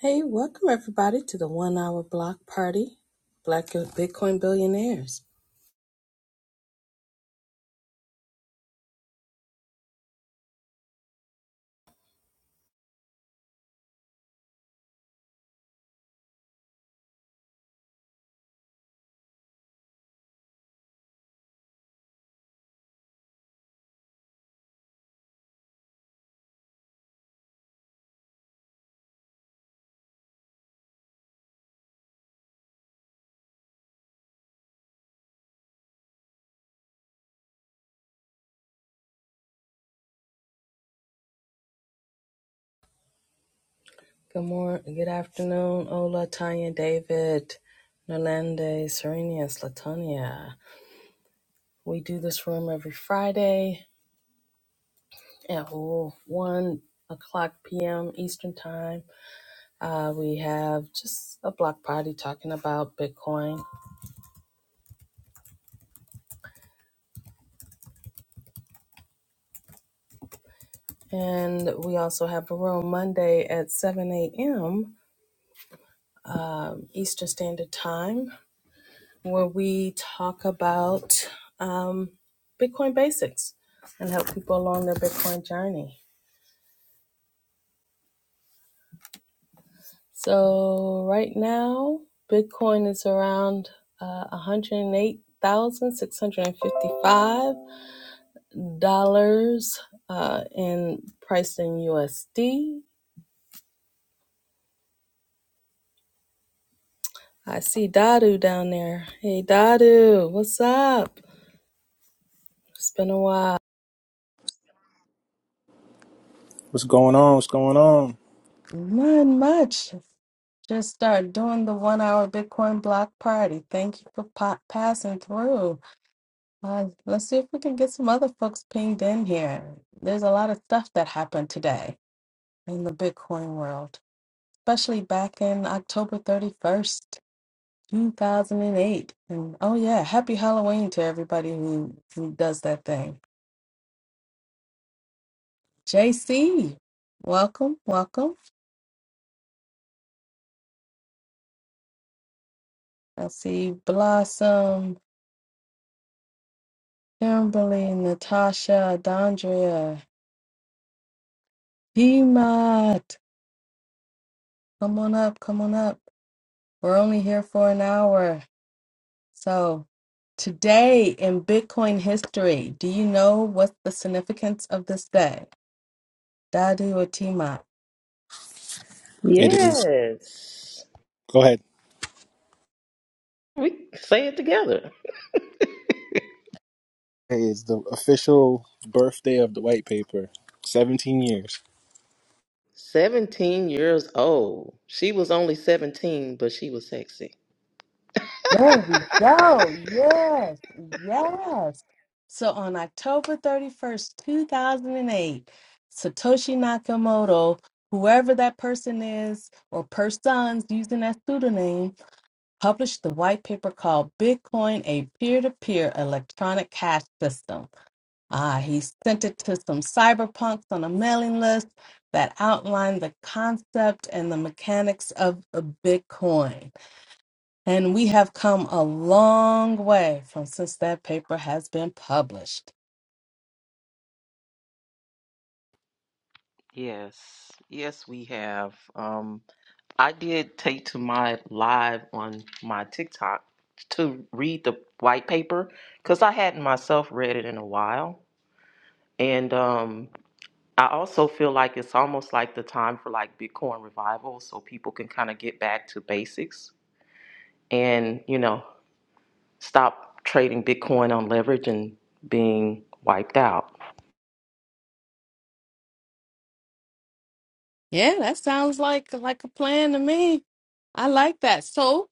Hey, welcome everybody to the one hour block party, Black Bitcoin Billionaires. Good morning, good afternoon, Ola, Tanya, David, Nolande, Serenia, Slatonia. We do this room every Friday at 1 o'clock p.m. Eastern Time. Uh, we have just a block party talking about Bitcoin. And we also have a room Monday at 7 a.m. Um, Eastern Standard Time where we talk about um, Bitcoin basics and help people along their Bitcoin journey. So, right now, Bitcoin is around uh, $108,655 uh, in price in USD. I see Dadu down there. Hey, Dadu, what's up? It's been a while. What's going on? What's going on? Not much. Just start doing the one hour Bitcoin block party. Thank you for pa- passing through. Uh, let's see if we can get some other folks pinged in here. There's a lot of stuff that happened today in the Bitcoin world, especially back in October 31st, 2008. And eight. And oh, yeah, happy Halloween to everybody who, who does that thing. JC, welcome, welcome. I see Blossom, Kimberly, Natasha, Dondria. Hemat, come on up, come on up. We're only here for an hour. So, today in Bitcoin history, do you know what's the significance of this day? Dadu or Timat? It is. Yes. Go ahead. We say it together. Hey, It's the official birthday of the white paper. Seventeen years. 17 years old. She was only 17, but she was sexy. There we go. Yes, yes. So, on October 31st, 2008, Satoshi Nakamoto, whoever that person is or persons using that pseudonym, published the white paper called Bitcoin, a peer to peer electronic cash system. Ah, he sent it to some cyberpunks on a mailing list that outlined the concept and the mechanics of a Bitcoin. And we have come a long way from since that paper has been published. Yes. Yes, we have. Um, I did take to my live on my TikTok to read the white paper because I hadn't myself read it in a while. And um, I also feel like it's almost like the time for like Bitcoin revival so people can kind of get back to basics and, you know, stop trading Bitcoin on leverage and being wiped out? Yeah, that sounds like like a plan to me. I like that. So,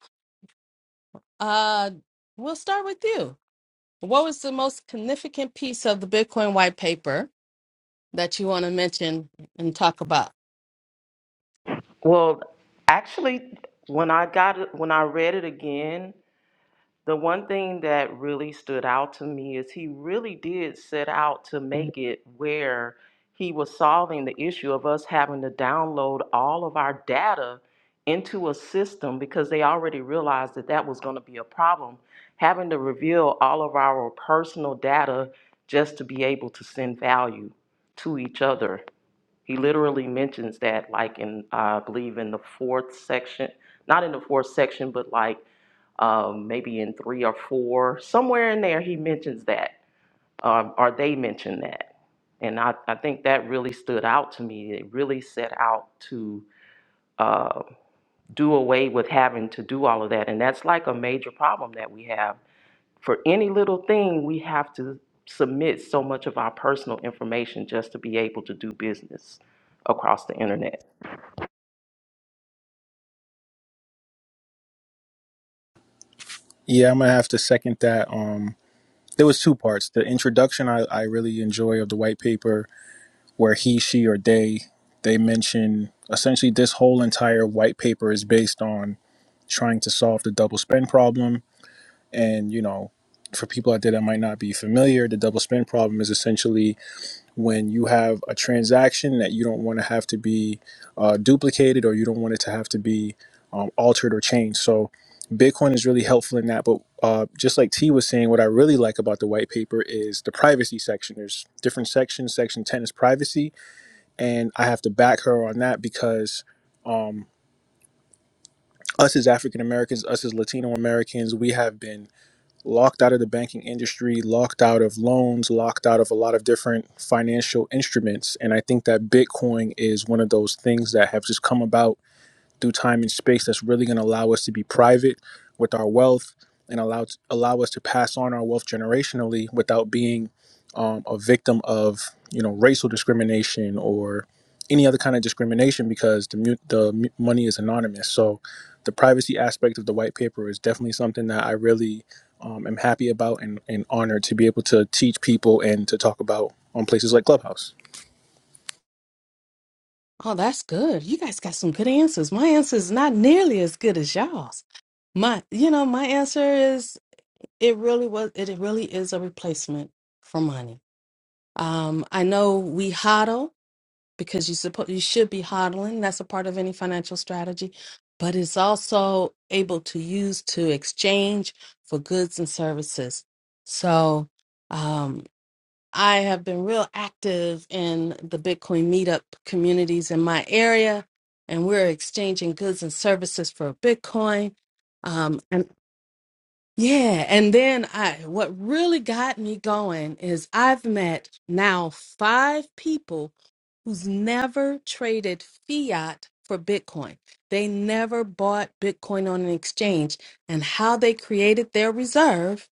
uh, we'll start with you. What was the most significant piece of the Bitcoin white paper? that you want to mention and talk about? Well, actually, when I got it, when I read it again, The one thing that really stood out to me is he really did set out to make it where he was solving the issue of us having to download all of our data into a system because they already realized that that was going to be a problem, having to reveal all of our personal data just to be able to send value to each other. He literally mentions that, like in uh, I believe in the fourth section, not in the fourth section, but like um, maybe in three or four, somewhere in there, he mentions that, um, or they mention that. And I, I think that really stood out to me. It really set out to uh, do away with having to do all of that. And that's like a major problem that we have. For any little thing, we have to submit so much of our personal information just to be able to do business across the internet. Yeah, I'm gonna have to second that. Um, there was two parts. The introduction I, I really enjoy of the white paper, where he, she, or they they mention essentially this whole entire white paper is based on trying to solve the double spend problem, and you know. For people out there that might not be familiar, the double spend problem is essentially when you have a transaction that you don't want to have to be uh, duplicated or you don't want it to have to be um, altered or changed. So Bitcoin is really helpful in that. But uh, just like T was saying, what I really like about the white paper is the privacy section. There's different sections. Section 10 is privacy. And I have to back her on that because um, us as African Americans, us as Latino Americans, we have been locked out of the banking industry, locked out of loans, locked out of a lot of different financial instruments. And I think that Bitcoin is one of those things that have just come about through time and space that's really going to allow us to be private with our wealth and allow allow us to pass on our wealth generationally without being um, a victim of you know racial discrimination or any other kind of discrimination because the mu- the mu- money is anonymous. So the privacy aspect of the white paper is definitely something that I really um, am happy about and, and honored to be able to teach people and to talk about on places like Clubhouse. Oh, that's good. You guys got some good answers. My answer is not nearly as good as y'all's. My, you know, my answer is it really was, it really is a replacement for money. Um, I know we hodl because you suppo- you should be hodling. That's a part of any financial strategy, but it's also able to use to exchange for goods and services. So, um, I have been real active in the Bitcoin meetup communities in my area, and we're exchanging goods and services for Bitcoin. Um, and yeah, and then I, what really got me going is I've met now five people who's never traded fiat for Bitcoin. They never bought Bitcoin on an exchange, and how they created their reserve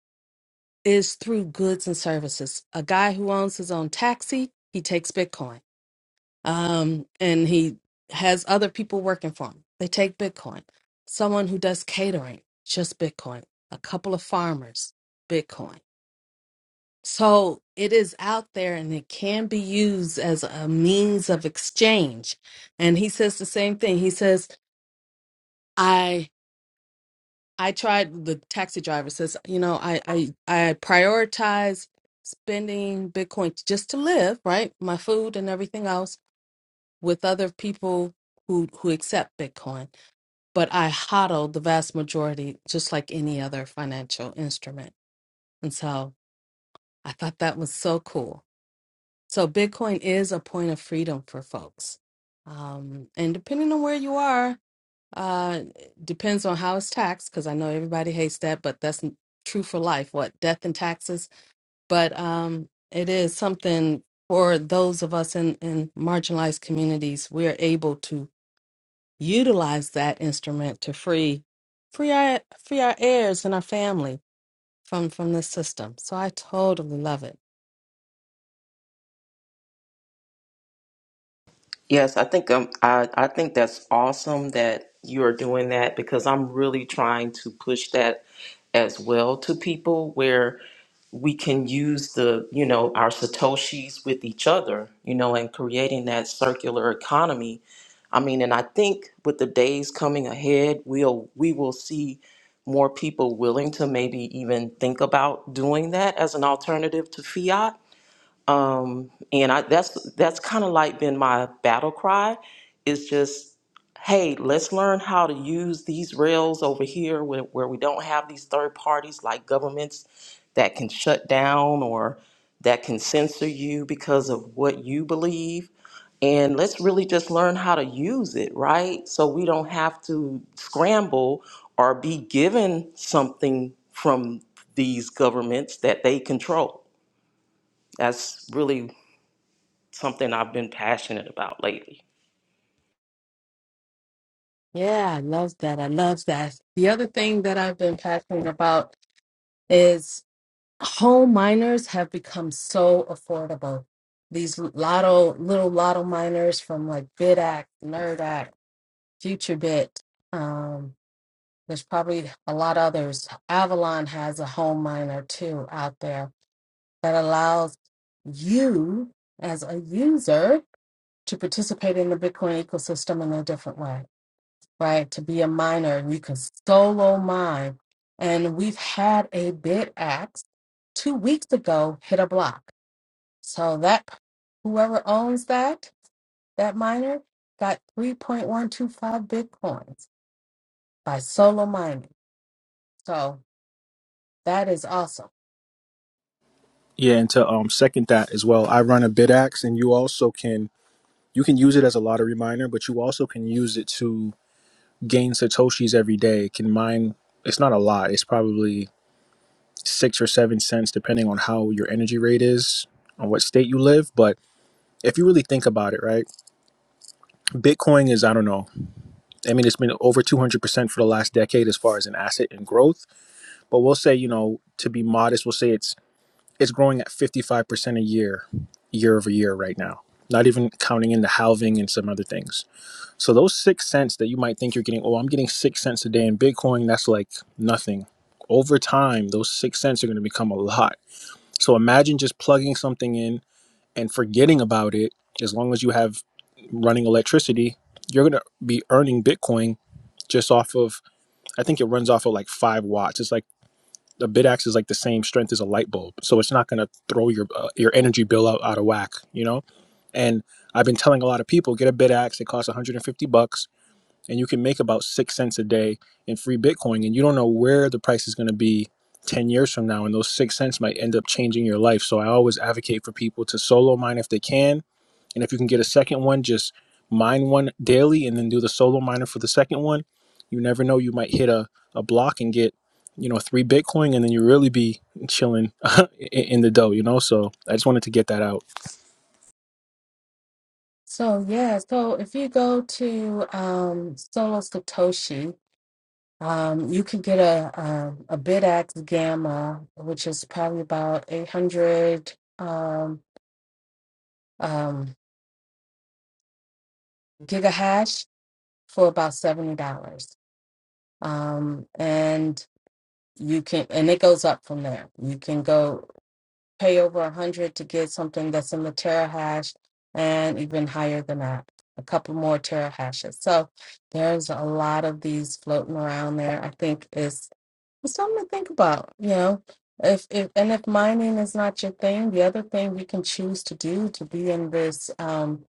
is through goods and services. A guy who owns his own taxi, he takes Bitcoin. Um, and he has other people working for him. They take Bitcoin. Someone who does catering, just Bitcoin. A couple of farmers, Bitcoin. So it is out there and it can be used as a means of exchange. And he says the same thing. He says, "I." I tried the taxi driver says, you know, I I I prioritize spending Bitcoin just to live, right? My food and everything else with other people who who accept Bitcoin. But I hodl the vast majority just like any other financial instrument. And so I thought that was so cool. So Bitcoin is a point of freedom for folks. Um, and depending on where you are, uh, depends on how it's taxed, because I know everybody hates that, but that's n- true for life. What, death and taxes? But um, it is something for those of us in, in marginalized communities. We're able to utilize that instrument to free free our free our heirs and our family from from this system. So I totally love it. Yes, I think um, I I think that's awesome that you are doing that because I'm really trying to push that as well to people where we can use the you know our satoshis with each other you know and creating that circular economy i mean and i think with the days coming ahead we'll we will see more people willing to maybe even think about doing that as an alternative to fiat um, and I, that's that's kind of like been my battle cry is just hey let's learn how to use these rails over here where, where we don't have these third parties like governments that can shut down or that can censor you because of what you believe and let's really just learn how to use it right so we don't have to scramble or be given something from these governments that they control that's really something I've been passionate about lately. Yeah, I love that. I love that. The other thing that I've been passionate about Home miners have become so affordable. These lotto, little lotto miners from like BitAct, NerdAct, FutureBit. Um, there's probably a lot others. Avalon has a home miner too out there that allows you as a user to participate in the Bitcoin ecosystem in a different way, right? To be a miner, and you can solo mine. And we've had a BitAxe two weeks ago hit a block so that whoever owns that, that miner got 3.125 bitcoins by solo mining. So that is awesome. Yeah, and to um, second that as well, I run a BidAx, and you also can you can use it as a lottery miner, but you also can use it to gain satoshis every day. It can mine. It's not a lot. It's probably six or seven cents, depending on how your energy rate is, on what state you live. But if you really think about it, right? Bitcoin is I don't know. I mean, it's been over two hundred percent for the last decade as far as an asset and growth. But we'll say, you know, to be modest, we'll say it's it's growing at fifty five percent a year, year over year right now. Not even counting in the halving and some other things So those six cents that you might think you're getting, oh, I'm getting six cents a day in Bitcoin, that's like nothing. Over time, those six cents are going to become a lot. So imagine just plugging something in and forgetting about it. As long as you have running electricity, you're going to be earning Bitcoin just off of, I think it runs off of like five watts. It's like a bit axe is like the same strength as a light bulb. So it's not going to throw your, uh, your energy bill out, out of whack, you know? And I've been telling a lot of people, get a bit axe. It costs 150 bucks and you can make about six cents a day in free Bitcoin, and you don't know where the price is going to be 10 years from now, and those six cents might end up changing your life. So I always advocate for people to solo mine if they can, and if you can get a second one, just mine one daily and then do the solo miner for the second one. You never know, you might hit a, a block and get you know three Bitcoin, and then you really be chilling in the dough, you know. So I just wanted to get that out. So yeah, so if you go to um, Solo Satoshi, um, you can get a a, a BitX Gamma, which is probably about 800 um, um, gigahash for about seventy dollars. Um, and you can and it goes up from there you can go pay over a hundred to get something that's in the terahash and even higher than that a couple more terahashes so there's a lot of these floating around there i think is it's something to think about you know if, if and if mining is not your thing the other thing you can choose to do to be in this um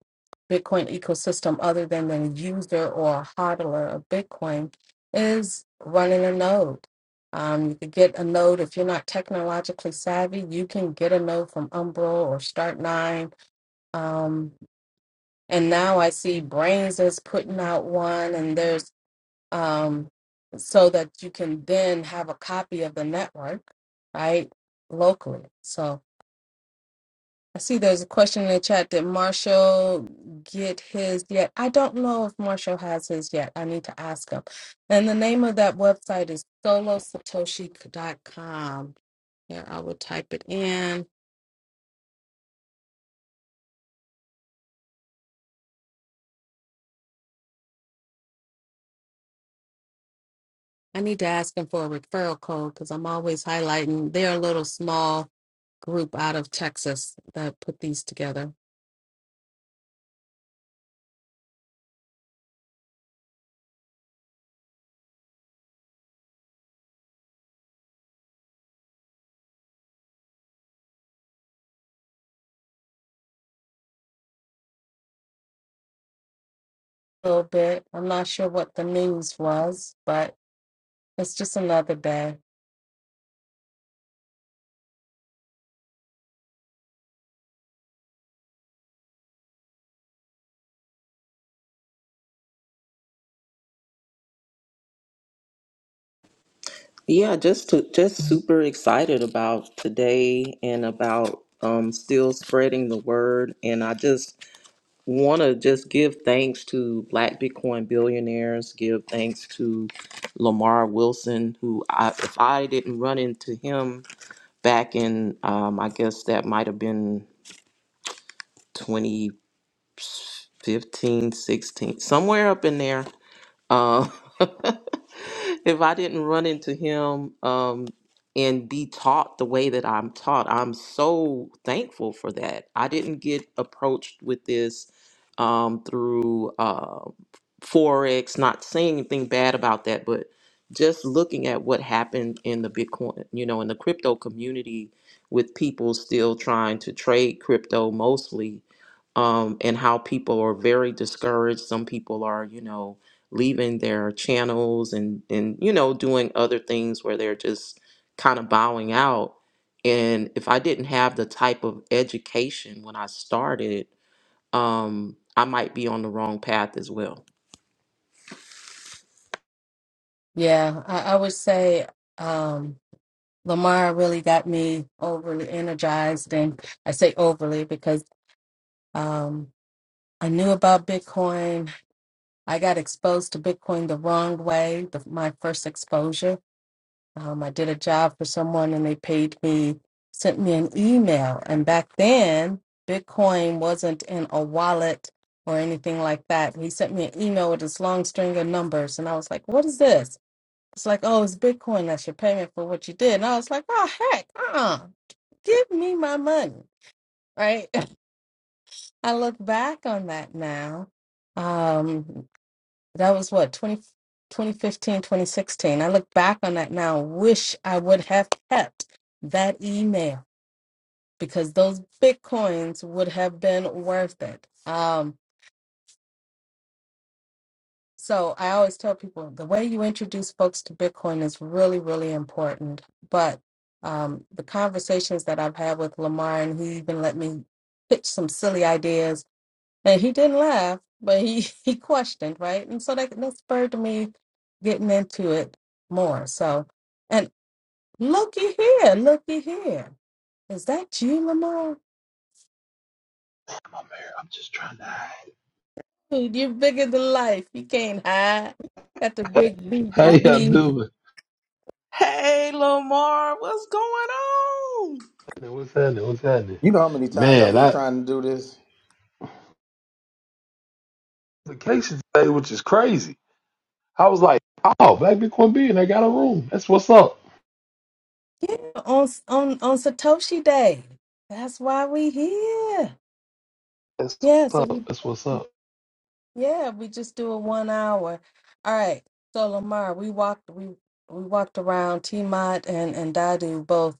Bitcoin ecosystem other than the user or hodler of Bitcoin is running a node. Um, you could get a node if you're not technologically savvy. You can get a node from Umbro or Start9. Um, and now I see Brains is putting out one, and there's um, so that you can then have a copy of the network, right, locally. So I see there's a question in the chat. Did Marshall get his yet? I don't know if Marshall has his yet. I need to ask him. And the name of that website is solo satoshi dot com. Here, I will type it in. I need to ask him for a referral code because I'm always highlighting. They're a little small group out of Texas that put these together. A little bit. I'm not sure what the news was, but it's just another day. Yeah, just to just super excited about today and about um still spreading the word and I just want to just give thanks to Black Bitcoin billionaires, give thanks to Lamar Wilson who I if I didn't run into him back in um I guess that might have been twenty fifteen, sixteen, somewhere up in there Um, if I didn't run into him um, and be taught the way that I'm taught, I'm so thankful for that. I didn't get approached with this um, through uh, Forex, not saying anything bad about that, but just looking at what happened in the Bitcoin, you know, in the crypto community with people still trying to trade crypto mostly um, and how people are very discouraged. Some people are, you know, leaving their channels and and you know doing other things where they're just kind of bowing out and if i didn't have the type of education when i started um i might be on the wrong path as well Yeah, I, I would say. Um, Lamar really got me overly energized. And I say overly because um, I knew about Bitcoin. I got exposed to Bitcoin the wrong way, the, my first exposure. Um, I did a job for someone and they paid me, sent me an email. And back then, Bitcoin wasn't in a wallet or anything like that. He sent me an email with this long string of numbers. And I was like, what is this? It's like, oh, it's Bitcoin. That's your payment for what you did. And I was like, oh, heck, uh uh give me my money right i look back on that now um that was what 20 2015, 2016. i look back on that now wish i would have kept that email because those bitcoins would have been worth it um so i always tell people the way you introduce folks to bitcoin is really really important but um, the conversations that I've had with Lamar, and he even let me pitch some silly ideas And he didn't laugh, but he he questioned, right? And so that that spurred me getting into it more. So, and looky here, looky here, is that you, Lamar? I'm here. I'm just trying to hide. Dude, You're bigger than life. You can't hide. Got the big B How B y'all B. doing? Hey, Lamar, what's going on? What's happening? What's happening? You know how many times I've Man, been I trying to do this? the case today, which is crazy. I was like, oh, Black Bitcoin Bean, I got a room. That's what's up. Yeah, on on on Satoshi Day. That's why we here. That's Yeah. what's So up. we That's what's up. yeah we just do a one hour. All right. So Lamar, we walked we we walked around. T Mod and and Dadu both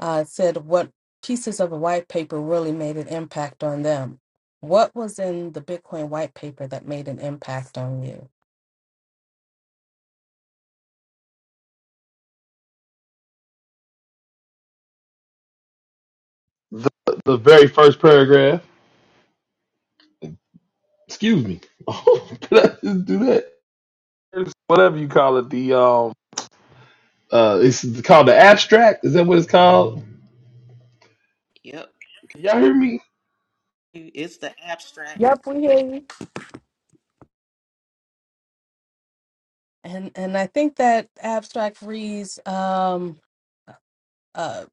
uh, said what pieces of a white paper really made an impact on them. What was in the Bitcoin white paper that made an impact on you? The the very first paragraph. Excuse me. Did I just do that? It's whatever you call it. The um uh it's called the abstract. Is that what it's called? Yep, Can y'all hear me? it's the abstract. Yep, we hear you. And and I think that abstract reads um, uh,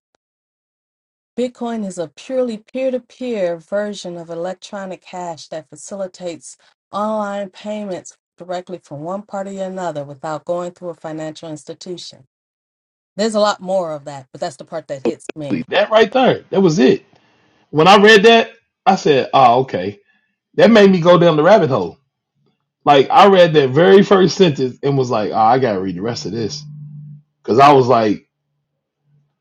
Bitcoin is a purely peer-to-peer version of electronic cash that facilitates online payments directly from one party to another without going through a financial institution. There's a lot more of that, but that's the part that hits me. That right there. That was it. When I read that, I said, oh, okay. That made me go down the rabbit hole. Like I read that very first sentence and was like, oh, I gotta read the rest of this because I was like,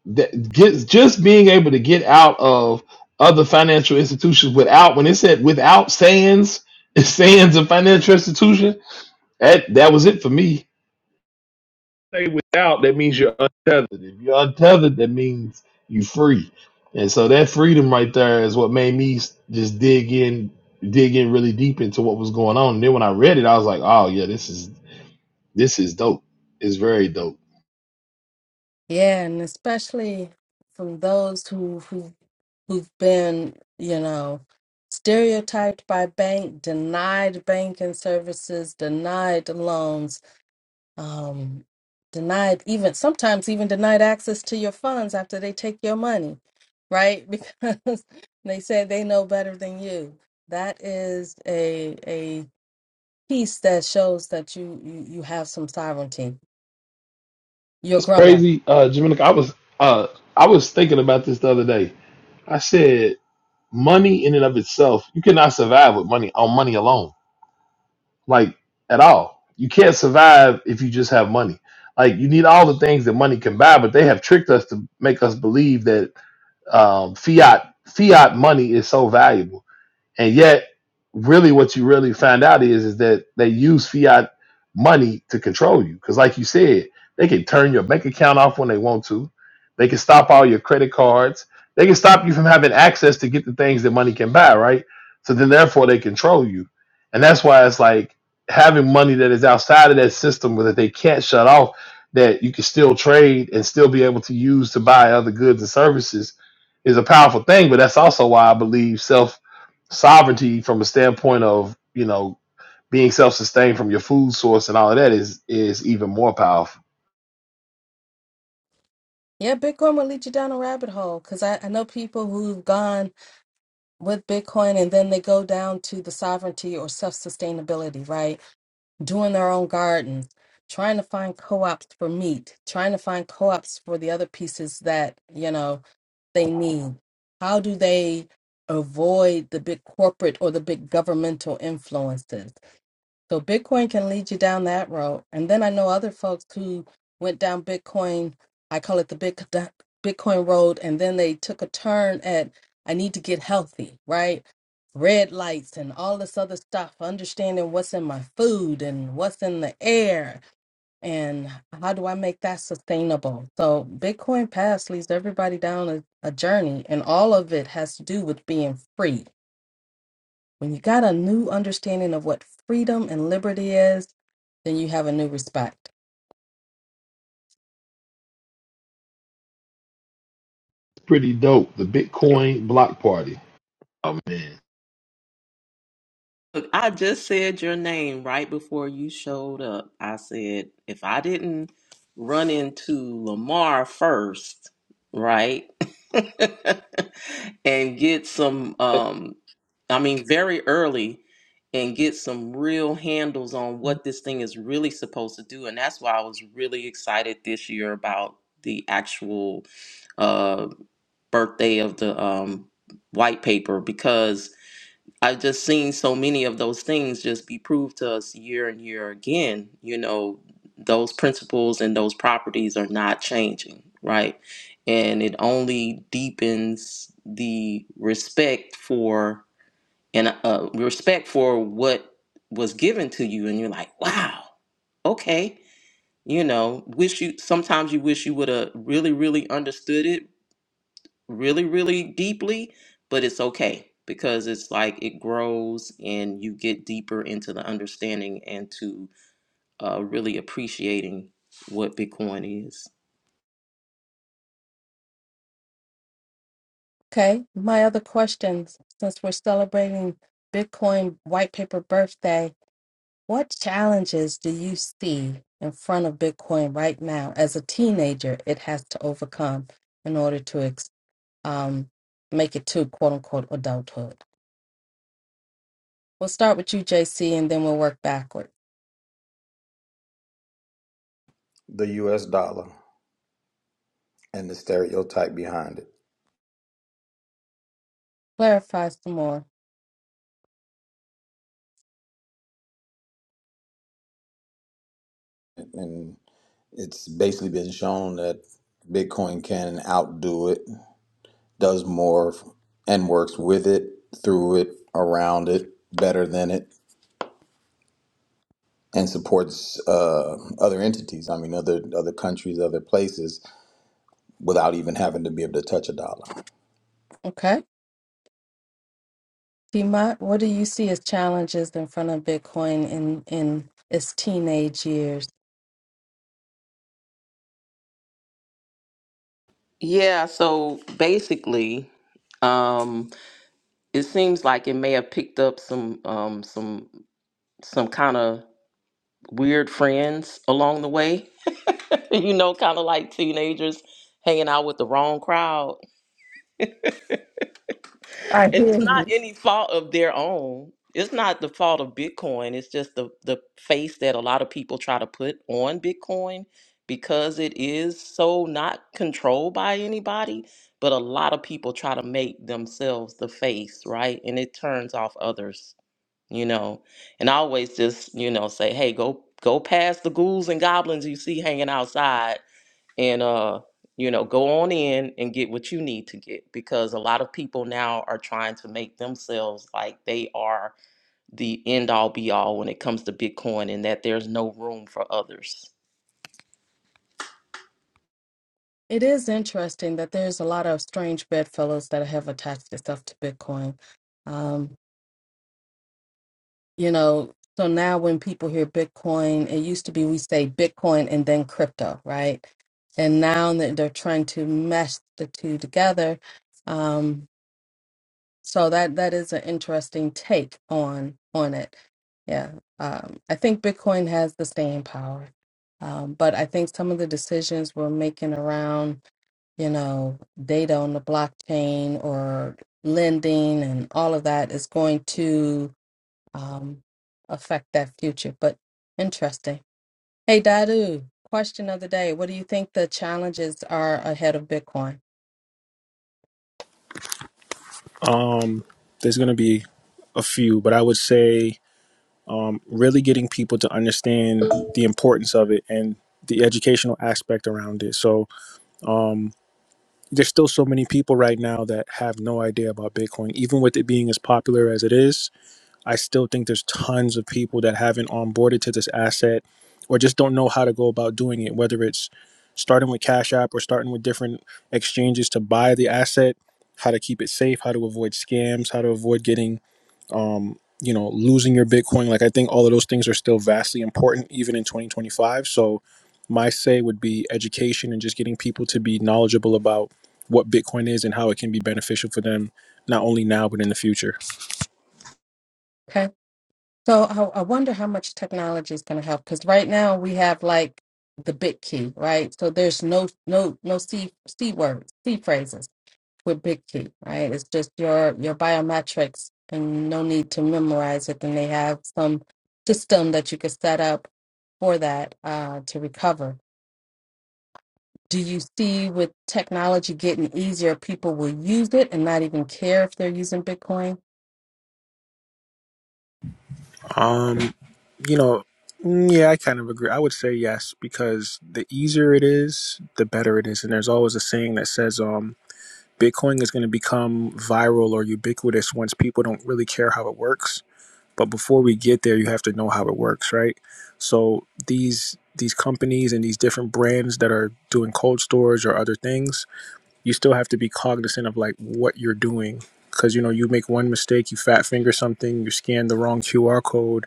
that get, just being able to get out of other financial institutions without when it said without Sands, Sands a financial institution. That that was it for me. say without, that means you're untethered. If you're untethered, that means you free. And so that freedom right there is what made me s- just dig in, dig in really deep into what was going on. And then when I read it, I was like, oh yeah, this is this is dope. It's very dope. Yeah, and especially from those who who who've been, you know, stereotyped by bank, denied banking services, denied loans, um, denied even sometimes even denied access to your funds after they take your money, right? Because they say they know better than you. That is a a piece that shows that you you, you have some sovereignty. You're It's grown up. crazy, uh, Jamaica. I was uh, I was thinking about this the other day. I said money in and of itself, you cannot survive with money on money alone like at all. You can't survive if you just have money. Like you need all the things that money can buy, but they have tricked us to make us believe that um, fiat fiat money is so valuable and yet, really, what you really find out is is that they use fiat money to control you. Because, like you said, they can turn your bank account off when they want to. They can stop all your credit cards. They can stop you from having access to get the things that money can buy, right? So then, therefore, they control you. And that's why it's like having money that is outside of that system, where that they can't shut off, that you can still trade and still be able to use to buy other goods and services, is a powerful thing. But that's also why I believe self sovereignty from a standpoint of you know being self-sustained from your food source and all of that is is even more powerful. Yeah, Bitcoin will lead you down a rabbit hole because I, I know people who've gone with Bitcoin and then they go down to the sovereignty or self sustainability, right? Doing their own garden, trying to find co ops for meat, trying to find co ops for the other pieces that, you know, they need. How do they avoid the big corporate or the big governmental influences? So Bitcoin can lead you down that road. And then I know other folks who went down Bitcoin, I call it the big the Bitcoin road, and then they took a turn at I need to get healthy, right? Red lights and all this other stuff, understanding what's in my food and what's in the air and how do I make that sustainable. So Bitcoin Pass leads everybody down a, a journey and all of it has to do with being free. When you got a new understanding of what freedom and liberty is, then you have a new respect. Pretty dope. The Bitcoin block party. Oh man, Look, I just said your name right before you showed up. I said if I didn't run into Lamar first, right? and get some say um I mean very early and get some real handles on what this thing is really supposed to do and that's why I was really excited this year about the actual uh birthday of the um white paper because I've just seen so many of those things just be proved to us year and year again. You know, those principles and those properties are not changing, right? And it only deepens the respect for and uh, respect for what was given to you. And you're like, wow, okay. You know, wish you sometimes you wish you would have really, really understood it really, really deeply, but it's okay because it's like it grows and you get deeper into the understanding and to uh, really appreciating what Bitcoin is. Okay. My other questions since we're celebrating Bitcoin white paper birthday, what challenges do you see in front of Bitcoin right now as a teenager it has to overcome in order to ex- um, make it to quote unquote adulthood? We'll start with you, JC, and then we'll work backward. The US dollar and the stereotype behind it. Clarify some more. And it's basically been shown that Bitcoin can outdo it, does more, and works with it, through it, around it, better than it, and supports uh, other entities. I mean, other other countries, other places, without even having to be able to touch a dollar. Okay. Tima, what do you see as challenges in front of Bitcoin in, in its teenage years? Yeah, so basically, um, it seems like it may have picked up some um, some some kind of weird friends along the way, you know, kind of like teenagers hanging out with the wrong crowd I And hear it's you. not any fault of their own. It's not the fault of Bitcoin. It's just the, the face that a lot of people try to put on Bitcoin because it is so not controlled by anybody. But a lot of people try to make themselves the face, right? And it turns off others, you know. And I always just, you know, say, hey, go go past the ghouls and goblins you see hanging outside and uh you know go on in and get what you need to get because a lot of people now are trying to make themselves like they are the end all be all when it comes to bitcoin and that there's no room for others It is interesting that there's a lot of strange bedfellows that have attached itself to Bitcoin. Um, you know, so now when people hear Bitcoin, it used to be we say Bitcoin and then crypto, right? And now that they're trying to mesh the two together. Um, so that that is an interesting take on on it. Yeah, um, I think Bitcoin has the staying power, um, but I think some of the decisions we're making around you know, data on the blockchain or lending and all of that is going to um, affect that future. But interesting. Hey, Dadu, question of the day. What do you think the challenges are ahead of Bitcoin? Um, there's going to be a few, but I would say um, really getting people to understand the importance of it and the educational aspect around it. So um, there's still so many people right now that have no idea about Bitcoin, even with it being as popular as it is. I still think there's tons of people that haven't onboarded to this asset or just don't know how to go about doing it, whether it's starting with Cash App or starting with different exchanges to buy the asset, how to keep it safe, how to avoid scams, how to avoid getting um, you know, losing your Bitcoin. Like I think all of those things are still vastly important even in 2025. So my say would be education and just getting people to be knowledgeable about what Bitcoin is and how it can be beneficial for them, not only now but in the future. Okay. So I, I wonder how much technology is going to help because right now we have like the big key, right? So there's no no no c c words, c phrases with big key, right? It's just your your biometrics and no need to memorize it. And they have some system that you could set up for that uh, to recover do you see with technology getting easier, people will use it and not even care if they're using Bitcoin? Um, you know, mm, yeah, I kind of agree. I would say yes because the easier it is, the better it is. And there's always a saying that says, um, Bitcoin is going to become viral or ubiquitous once people don't really care how it works but before we get there you have to know how it works right so these these companies and these different brands that are doing cold storage or other things you still have to be cognizant of like what you're doing because you know you make one mistake you fat finger something you scan the wrong qr code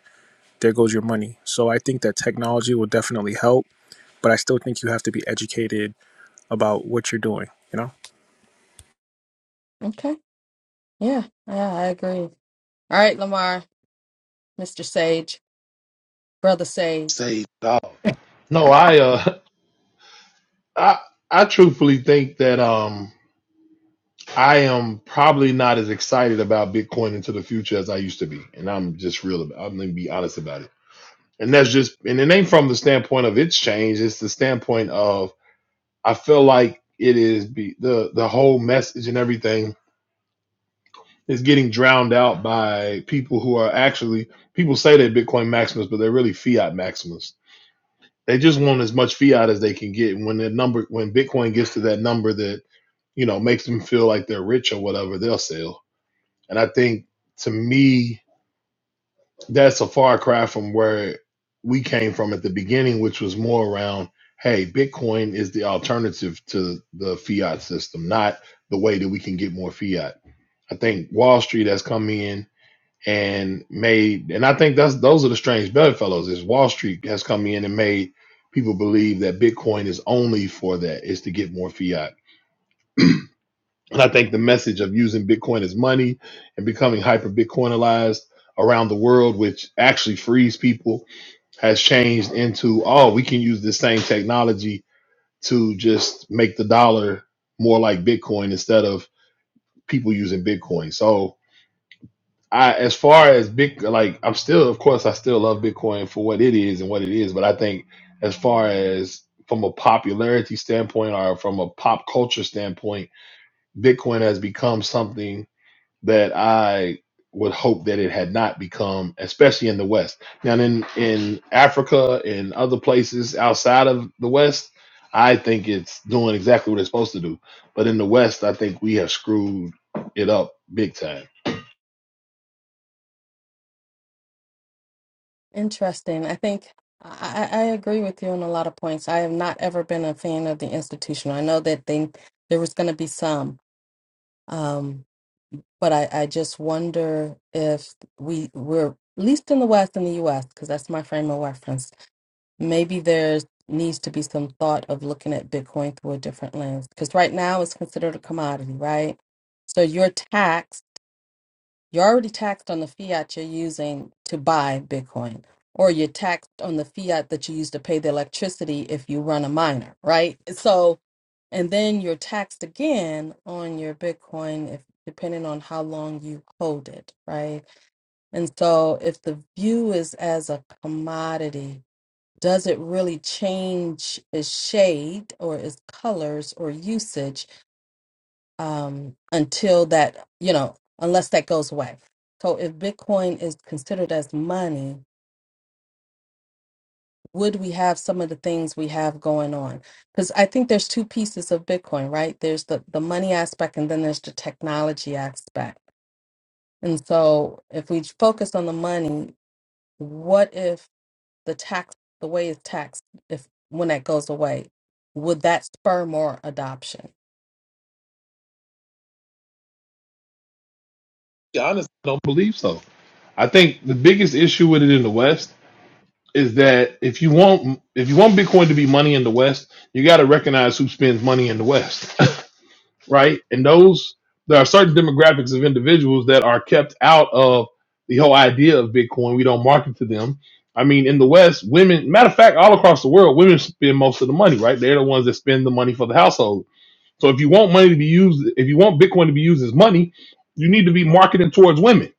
there goes your money so i think that technology will definitely help but i still think you have to be educated about what you're doing you know Okay. Yeah. Yeah, I agree. All right, Lamar, Mr. Sage, Brother Sage. saved No, I uh, I I truthfully think that um, I am probably not as excited about Bitcoin into the future as I used to be, and I'm just real. About, I'm gonna be honest about it. And that's just, and it ain't from the standpoint of its change. It's the standpoint of I feel like it is be, the the whole message and everything is getting drowned out by people who are actually people say they're Bitcoin maximalists, but they're really fiat maximalists. They just want as much fiat as they can get. And when the number, when Bitcoin gets to that number that you know makes them feel like they're rich or whatever, they'll sell. And I think to me, that's a far cry from where we came from at the beginning, which was more around, hey, Bitcoin is the alternative to the fiat system, not the way that we can get more fiat. I think Wall Street has come in and made and I think that's those are the strange bedfellows is Wall Street has come in and made people believe that Bitcoin is only for that is to get more fiat. And I think the message of using Bitcoin as money and becoming hyper Bitcoinalized around the world, which actually frees people, has changed into oh, we can use this same technology to just make the dollar more like Bitcoin instead of people using Bitcoin. So I as far as big like I'm still of course I still love Bitcoin for what it is and what it is, but I think as far as from a popularity standpoint or from a pop culture standpoint, Bitcoin has become something that I would hope that it had not become, especially in the West. Now in in Africa and other places outside of the West, I think it's doing exactly what it's supposed to do. But in the West, I think we have screwed it up big time. Interesting. I think I, I I agree with you on a lot of points. I have not ever been a fan of the institution. I know that they, there was going to be some. Um, but I, I just wonder if we we're at least in the West in the U.S. because that's my frame of reference. Maybe there needs to be some thought of looking at Bitcoin through a different lens because right now it's considered a commodity, right? So you're taxed. You're already taxed on the fiat you're using to buy Bitcoin, or you're taxed on the fiat that you use to pay the electricity if you run a miner, right? So and then you're taxed again on your bitcoin if depending on how long you hold it right and so if the view is as a commodity does it really change its shade or its colors or usage um, until that you know unless that goes away so if bitcoin is considered as money would we have some of the things we have going on because i think there's two pieces of bitcoin right there's the the money aspect and then there's the technology aspect and so if we focus on the money what if the tax the way it's taxed if when that goes away would that spur more adoption Yeah, honestly, I don't believe so. I think the biggest issue with it in the West is that if you want if you want Bitcoin to be money in the West, you got to recognize who spends money in the West, right? And those there are certain demographics of individuals that are kept out of the whole idea of Bitcoin. We don't market to them. I mean, in the West, women. Matter of fact, all across the world, women spend most of the money, right? They're the ones that spend the money for the household. So if you want money to be used, if you want Bitcoin to be used as money, you need to be marketing towards women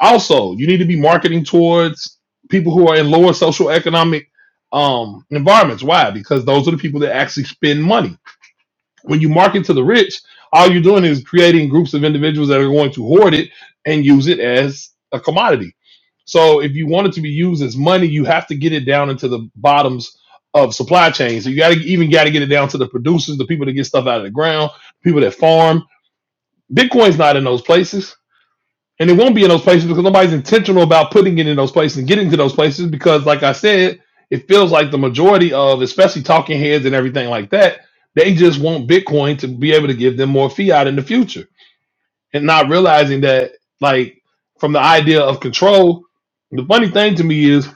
also, you need to be marketing towards people who are in lower social economic um, environments. Why? Because those are the people that actually spend money. When you market to the rich, all you're doing is creating groups of individuals that are going to hoard it and use it as a commodity. So if you want it to be used as money, you have to get it down into the bottoms of supply chains. So you got to even got to get it down to the producers, the people that get stuff out of the ground, people that farm. Bitcoin's not in those places. And it won't be in those places because nobody's intentional about putting it in those places and getting to those places because, like I said, it feels like the majority of, especially talking heads and everything like that, they just want Bitcoin to be able to give them more fiat in the future and not realizing that, like, from the idea of control. The funny thing to me is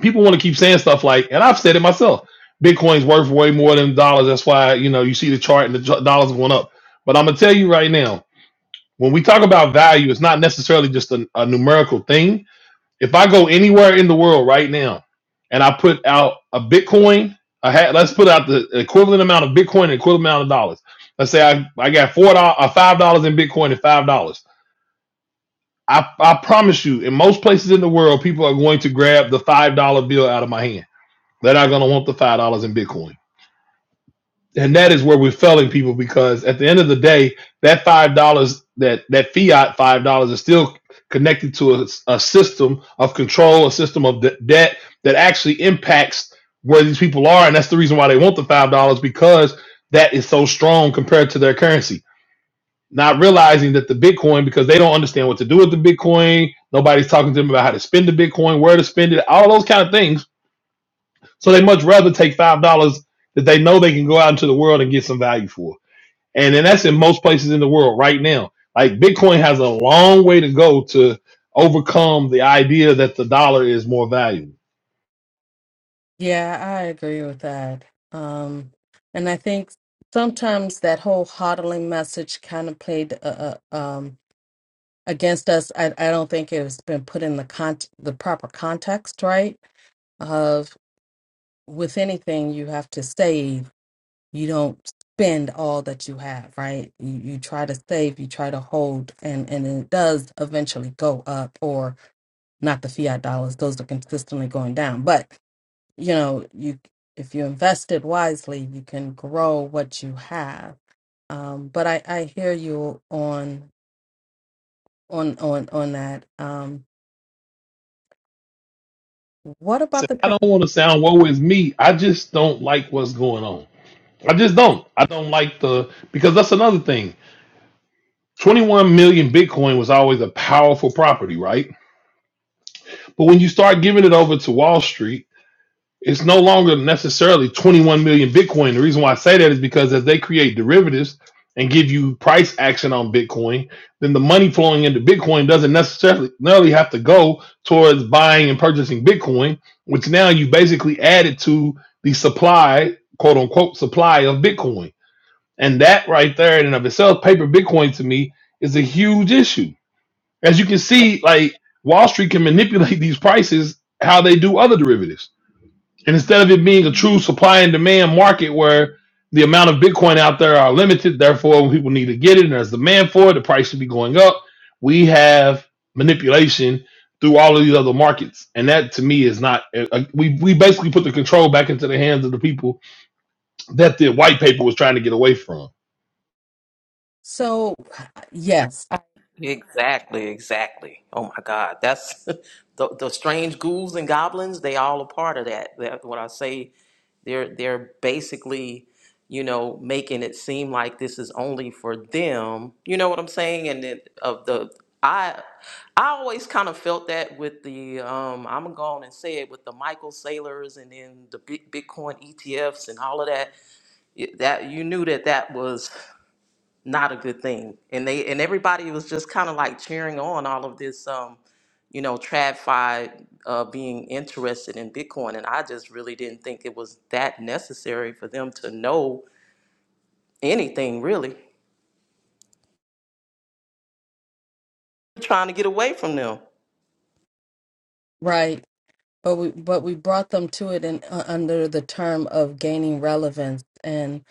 people want to keep saying stuff like, and I've said it myself Bitcoin's worth way more than dollars. That's why, you know, you see the chart and the ch- dollars going up. But I'm going to tell you right now, when we talk about value, it's not necessarily just a, a numerical thing. If I go anywhere in the world right now and I put out a Bitcoin, a ha- let's put out the equivalent amount of Bitcoin and equivalent amount of dollars. Let's say I, I got four dollars, uh, five dollars in Bitcoin and five dollars. I, I promise you, in most places in the world, people are going to grab the five dollar bill out of my hand. They're not going to want the five dollars in Bitcoin and that is where we're failing people because at the end of the day, that five dollars, that that fiat five dollars, is still connected to a, a system of control, a system of de- debt that actually impacts where these people are, and that's the reason why they want the five dollars because that is so strong compared to their currency. Not realizing that the Bitcoin, because they don't understand what to do with the Bitcoin, nobody's talking to them about how to spend the Bitcoin, where to spend it, all those kind of things. So they much rather take five dollars that they know they can go out into the world and get some value for and then that's in most places in the world right now. Like Bitcoin has a long way to go to overcome the idea that the dollar is more valuable. Yeah, I agree with that. Um, and I think sometimes that whole hodling message kind of played uh, uh, um, against us. I, I don't think it's been put in the con the proper context, right? Of with anything you have to save, you don't spend all that you have, right? You, you try to save, you try to hold, and and it does eventually go up, or not the fiat dollars; those are consistently going down, but you know you if you invested wisely you can grow what you have um but i i hear you on on on on that um what So about the I don't person want to sound woe is me. I just don't like what's going on. I just don't. I don't like the because that's another thing. 21 million Bitcoin was always a powerful property, right? But when you start giving it over to Wall Street it's no longer necessarily 21 million Bitcoin. The reason why I say that is because as they create derivatives and give you price action on Bitcoin, then the money flowing into Bitcoin doesn't necessarily necessarily have to go towards buying and purchasing Bitcoin, which now you basically added to the supply, quote unquote, supply of Bitcoin. And that right there in and of itself, paper Bitcoin to me is a huge issue. As you can see, like Wall Street can manipulate these prices how they do other derivatives and instead of it being a true supply and demand market where the amount of Bitcoin out there are limited, therefore when people need to get it and there's demand for it, the price should be going up. We have manipulation through all of these other markets, and that to me is not. uh, uh, We we basically put the control back into the hands of the people that the white paper was trying to get away from. so yes Exactly, exactly. Oh my God, that's the the strange ghouls and goblins. They all a part of that. That when I say they're they're basically, you know, making it seem like this is only for them. You know what I'm saying? And then of the I I always kind of felt that with the um I'm gonna go on and say it with the Michael Sailors and then the big Bitcoin ETFs and all of that. It- That you knew that that was not a good thing. And they and everybody was just kind of like cheering on all of this, um, you know, TradFi uh, being interested in Bitcoin, and I just really didn't think it was that necessary for them to know anything really. Trying to get away from them. right but we but we brought them to it in uh, under the term of gaining relevance and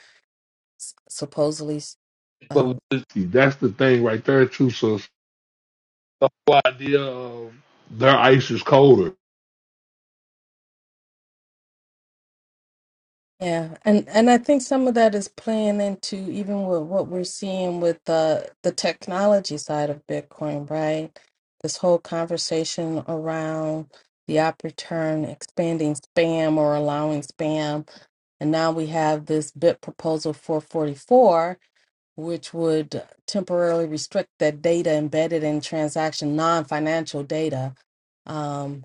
s- supposedly So, that's the thing right there, too. So the whole idea of their ice is colder. From a Yeah, and and I think some of that is playing into even with what we're seeing with the the technology side of Bitcoin, right? This whole conversation around the op return, expanding spam or allowing spam, and now we have this bit proposal 444, which would temporarily restrict that data embedded in transaction non-financial data. Um,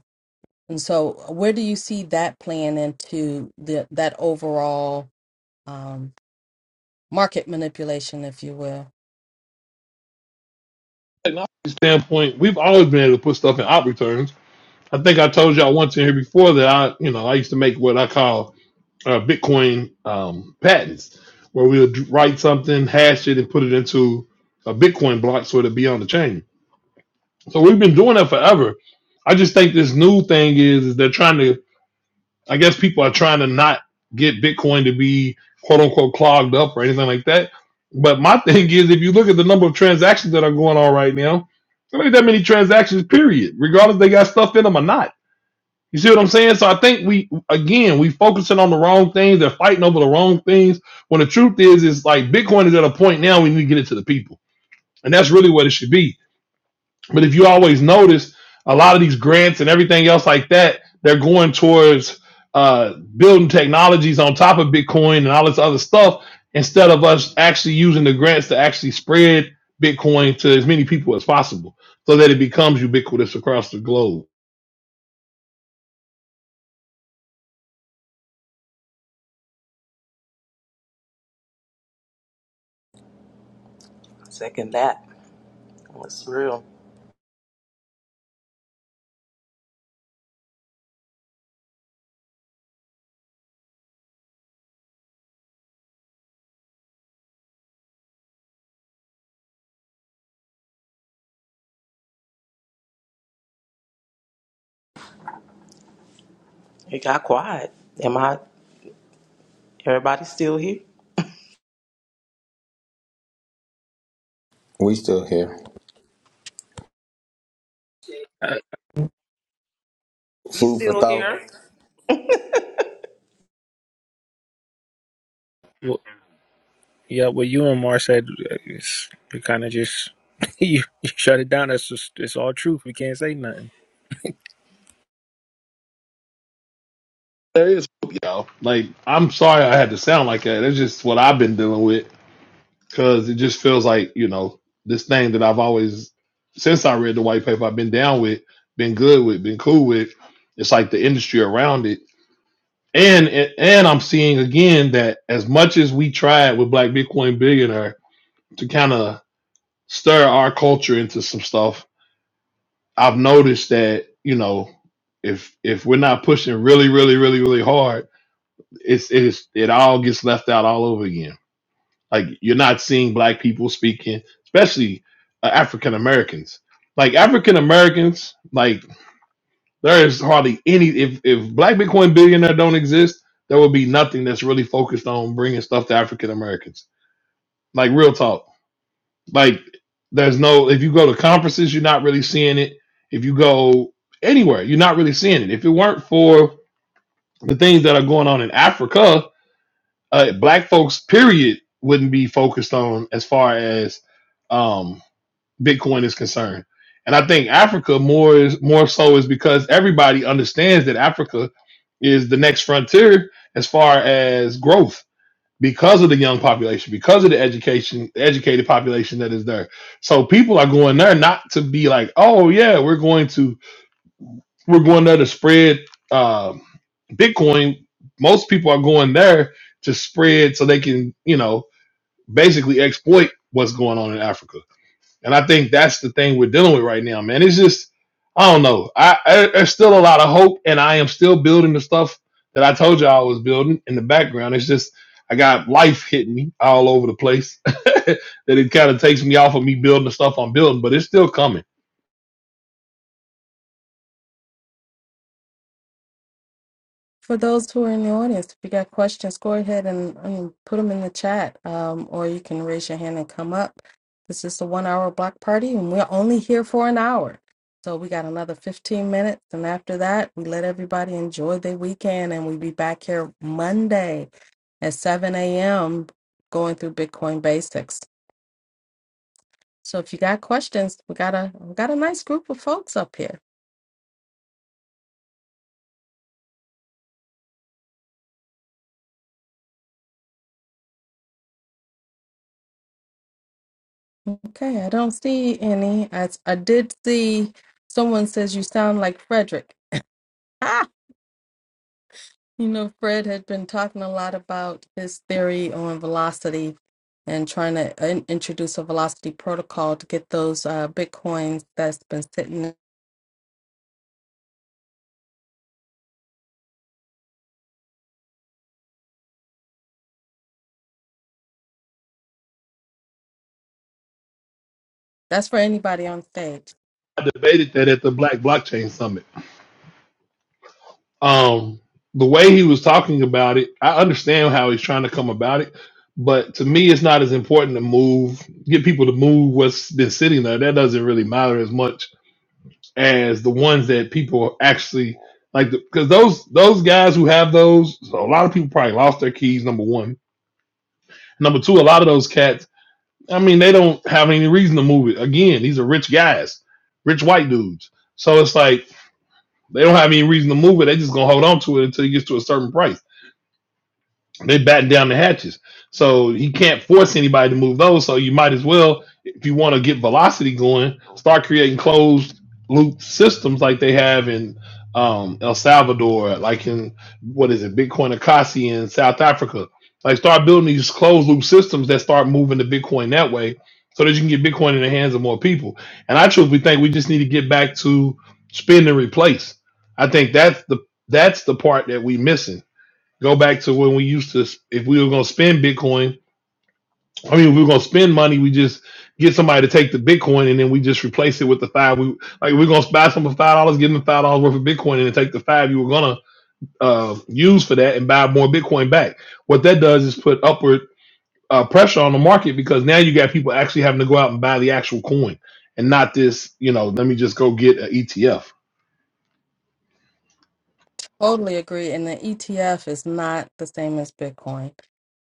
and so, where do you see that playing into the that overall? um, market manipulation, if you will. Technology standpoint, we've always been able to put stuff in out returns I think I told y'all once in here before that I, you know, I used to make what I call uh, Bitcoin um, patents, where we would write something, hash it, and put it into a Bitcoin block so it'd be on the chain. So we've been doing that forever. I just think this new thing is, is they're trying to. I guess people are trying to not get Bitcoin to be quote unquote clogged up or anything like that. But my thing is, if you look at the number of transactions that are going on right now, there ain't that many transactions. Period. Regardless, they got stuff in them or not you see what I'm saying? So I think we again we focusing on the wrong things. They're fighting over the wrong things. When the truth is, is like Bitcoin is at a point now we need to get it to the people, and that's really what it should be. But if you always notice, a lot of these grants and everything else like that, they're going towards uh, building technologies on top of Bitcoin and all this other stuff instead of us actually using the grants to actually spread Bitcoin to as many people as possible, so that it becomes ubiquitous across the globe. Second that, it's real. It got quiet. Am I? Everybody still here? We still here. Uh, We Food for still thought. here. well, Yeah, what you and Mar said, it's, you kind of just you, you shut it down. That's just it's all truth. We can't say nothing. There is hope, y'all. Like, I'm sorry I had to sound like that. That's just what I've been dealing with because it just feels like, you know, this thing that I've always, since I read the white paper, I've been down with, been good with, been cool with. It's like the industry around it. And, and and I'm seeing again that as much as we tried with Black Bitcoin Billionaire to kind of stir our culture into some stuff, I've noticed that you know if if we're not pushing really really really really hard it's it's it all gets left out all over again. Like you're not seeing black people speaking, especially uh, African Americans. Like African Americans, like there is hardly any. If if Black Bitcoin billionaire don't exist, there would be nothing that's really focused on bringing stuff to African Americans. Like real talk. Like there's no. If you go to conferences, you're not really seeing it. If you go anywhere, you're not really seeing it. If it weren't for the things that are going on in Africa, uh, black folks period wouldn't be focused on as far as um, bitcoin is concerned and i think africa more is more so is because everybody understands that africa is the next frontier as far as growth because of the young population because of the education educated population that is there so people are going there not to be like oh yeah we're going to we're going there to spread uh, Bitcoin. Most people are going there to spread so they can, you know, basically exploit what's going on in Africa. And I think that's the thing we're dealing with right now, man. It's just, I don't know. I, I there's still a lot of hope, and I am still building the stuff that I told you I was building in the background. It's just I got life hitting me all over the place that it kind of takes me off of me building the stuff I'm building, but it's still coming. For those who are in the audience, if you got questions, go ahead and um, put them in the chat, um, or you can raise your hand and come up. This is the one hour block party, and we're only here for an hour. So we got another 15 minutes, and after that, we let everybody enjoy their weekend, and we'll be back here Monday at 7 a.m. going through Bitcoin basics. So if you got questions, we got a we got a nice group of folks up here. Okay, I don't see any. I, I did see someone says you sound like Frederick. Ah, you know, Fred had been talking a lot about his theory on velocity and trying to in- introduce a velocity protocol to get those uh, bitcoins that's been sitting. That's for anybody on stage. I debated that at the Black Blockchain Summit um the way he was talking about it i understand how he's trying to come about it but to me it's not as important to move get people to move what's been sitting there that doesn't really matter as much as the ones that people actually like because those those guys who have those so a lot of people probably lost their keys number one number two a lot of those cats i mean they don't have any reason to move it again these are rich guys rich white dudes so it's like they don't have any reason to move it they just gonna hold on to it until it gets to a certain price they batten down the hatches. So he can't force anybody to move those. So you might as well, if you want to get velocity going, start creating closed loop systems like they have in um, El Salvador, like in what is it, Bitcoin Akasi in South Africa. Like start building these closed loop systems that start moving the Bitcoin that way, so that you can get Bitcoin in the hands of more people. And I truthfully think we just need to get back to spend and replace. I think that's the that's the part that we missing Go back to when we used to, if we were going to spend Bitcoin, I mean, if we were going to spend money, we just get somebody to take the Bitcoin and then we just replace it with the five. We like we're going to buy some for five dollars, give them five dollars worth of Bitcoin, and then take the five you were going to uh, use for that and buy more Bitcoin back. What that does is put upward uh, pressure on the market because now you got people actually having to go out and buy the actual coin and not this, you know, let me just go get an ETF. Totally agree. And the ETF is not the same as Bitcoin.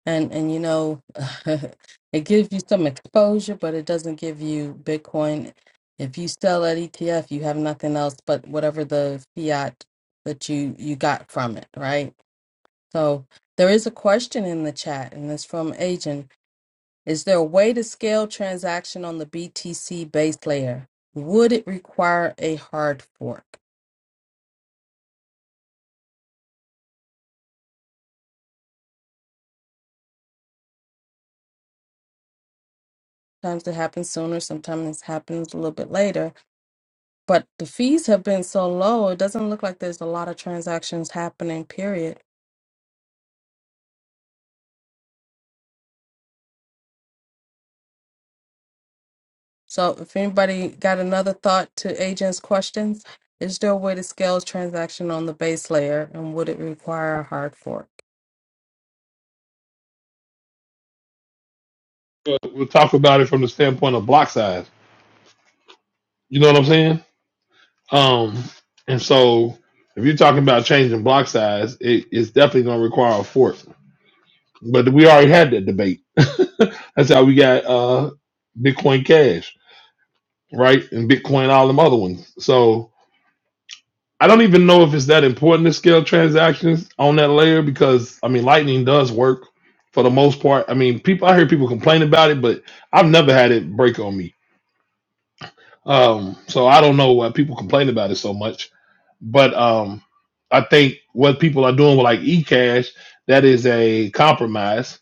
And and you know, it gives you some exposure, but it doesn't give you Bitcoin. If you sell that ETF, you have nothing else but whatever the fiat that you you got from it, right? So there is a question in the chat, and it's from Agent. Is there a way to scale transaction on the BTC base layer? Would it require a hard fork? Sometimes it happens sooner, sometimes it happens a little bit later But the fees have been so low, it doesn't look like there's a lot of transactions happening, period. So if anybody got another thought to agents' questions, is there a way to scale transaction on the base layer and would it require a hard fork? But we'll talk about it from the standpoint of block size. You know what I'm saying? Um, and so if you're talking about changing block size, it's definitely going to require a fork. But we already had that debate. That's how we got uh, Bitcoin Cash, right? And Bitcoin, all them other ones. So I don't even know if it's that important to scale transactions on that layer because I mean, Lightning does work for the most part. I mean, people, I hear people complain about it, but I've never had it break on me. Um, so I don't know why people complain about it so much, but um, I think what people are doing with like eCash, that is a compromise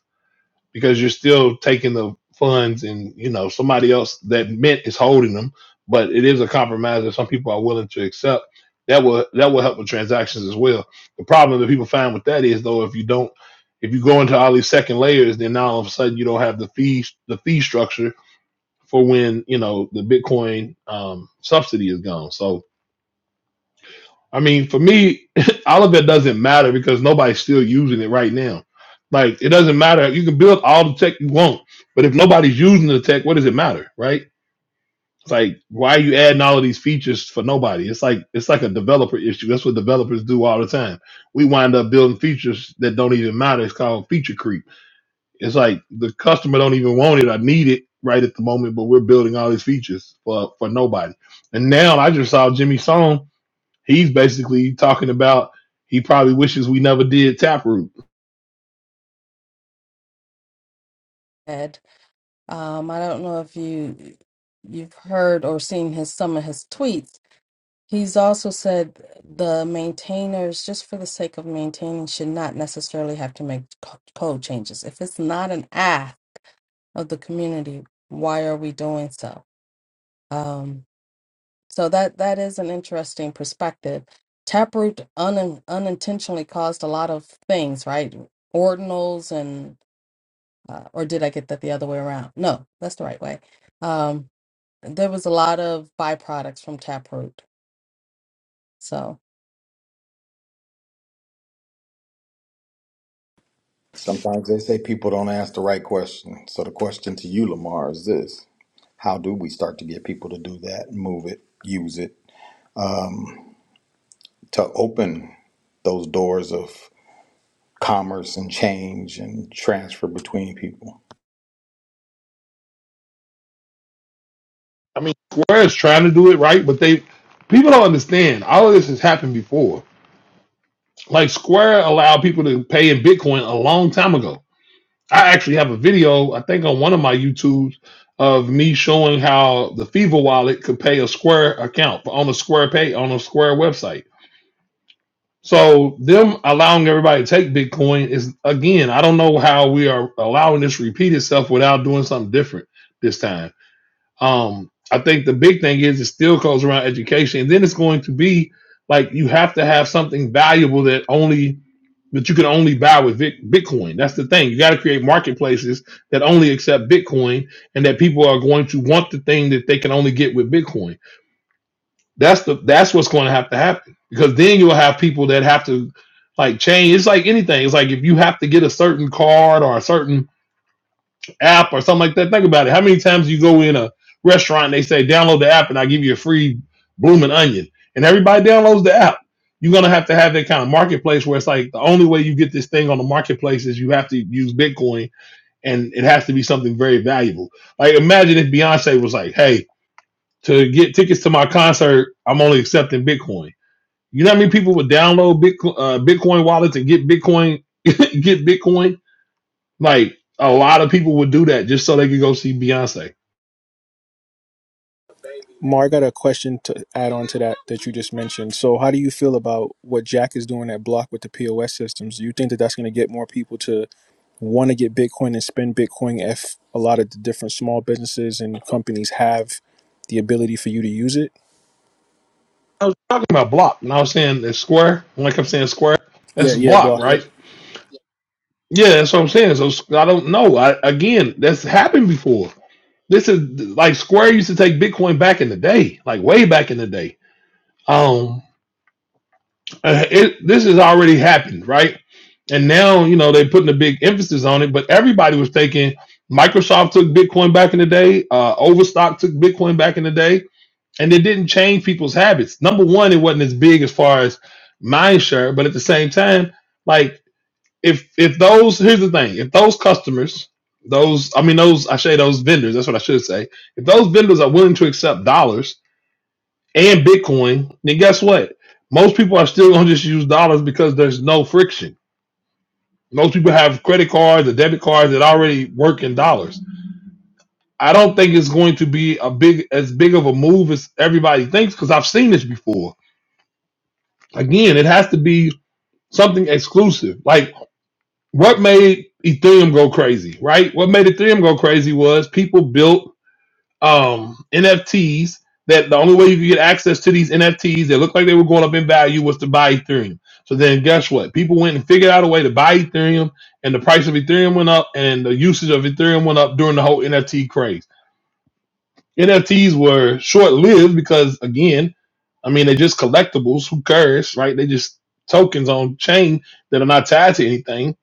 because you're still taking the funds and you know somebody else that mint is holding them, but it is a compromise that some people are willing to accept. That will that will help with transactions as well. The problem that people find with that is though if you don't if you go into all these second layers, then now all of a sudden you don't have the fee the fee structure for when you know the Bitcoin um, subsidy is gone. So I mean, for me, all of it doesn't matter because nobody's still using it right now. Like it doesn't matter. You can build all the tech you want, but if nobody's using the tech, what does it matter, right? It's like why are you adding all of these features for nobody? It's like it's like a developer issue. That's what developers do all the time. We wind up building features that don't even matter. It's called feature creep it's like the customer don't even want it or need it right at the moment, but we're building all these features for for nobody. And now I just saw Jimmy Song. He's basically talking about he probably wishes we never did Taproot. Ed, um, I don't know if you you've heard or seen his some of his tweets. He's also said the maintainers, just for the sake of maintaining, should not necessarily have to make co- code changes. If it's not an ask of the community. Why are we doing so? Um, so that that is an interesting perspective. Taproot un, unintentionally caused a lot of things, right? Ordinals and uh, or did I get that the other way around? No, that's the right way. Um, there was a lot of byproducts from Taproot, so Sometimes they say people don't ask the right question. So the question to you, Lamar, is this. How do we start to get people to do that, move it, use it, um, to open those doors of commerce and change and transfer between people? I mean, Square is trying to do it right, but they people don't understand. All of this has happened before. Like Square allowed people to pay in Bitcoin a long time ago I actually have a video, I think on one of my YouTubes, of me showing how the Fever wallet could pay a Square account on a Square pay on a Square website. So them allowing everybody to take Bitcoin is again, I don't know how we are allowing this to repeat itself without doing something different this time. Um, I think the big thing is it still goes around education, and then it's going to be like you have to have something valuable that only but you can only buy with Vic, Bitcoin. That's the thing. You got to create marketplaces that only accept Bitcoin, and that people are going to want the thing that they can only get with Bitcoin. That's the that's what's going to have to happen because then you'll have people that have to like change. It's like anything. It's like if you have to get a certain card or a certain app or something like that. Think about it. How many times you go in a restaurant and they say, download the app and I give you a free blooming onion. And everybody downloads the app. You're gonna have to have that kind of marketplace where it's like the only way you get this thing on the marketplace is you have to use Bitcoin and it has to be something very valuable. Like imagine if Beyonce was like, Hey, to get tickets to my concert, I'm only accepting Bitcoin. You know how many people would download Bitcoin, uh, Bitcoin wallets and get Bitcoin, get Bitcoin? Like a lot of people would do that just so they could go see Beyonce. Mar, I got a question to add on to that that you just mentioned. So, how do you feel about what Jack is doing at Block with the POS systems? Do you think that that's going to get more people to want to get Bitcoin and spend Bitcoin if a lot of the different small businesses and companies have the ability for you to use it? I was talking about block, and I was saying that square. When I kept saying square, Yeah, that's yeah, block, Block, yep. right? Yeah, that's what I'm saying. So I don't know. I, again, that's happened before. This is like Square used to take Bitcoin back in the day, like way back in the day. Um, uh, it, this has already happened, right? And now you know they're putting a big emphasis on it, but everybody was taking. Microsoft took Bitcoin back in the day. Uh, Overstock took Bitcoin back in the day and it didn't change people's habits. Number one, it wasn't as big as far as mindshare. but at the same time, like if if those here's the thing, if those customers, those I mean those I say those vendors, that's what I should say. If those vendors are willing to accept dollars and Bitcoin, then guess what? Most people are still gonna just use dollars because there's no friction. Most people have credit cards or debit cards that already work in dollars. I don't think it's going to be a big as big of a move as everybody thinks because I've seen this before Again, it has to be something exclusive. Like what made Ethereum go crazy, right? What made Ethereum go crazy was people built um, NFTs that the only way you could get access to these NFTs that looked like they were going up in value was to buy Ethereum. So then guess what? People went and figured out a way to buy Ethereum and the price of Ethereum went up and the usage of Ethereum went up during the whole NFT craze. NFTs were short lived because again, I mean, they're just collectibles. Who cares, right? They just tokens on chain that are not tied to anything.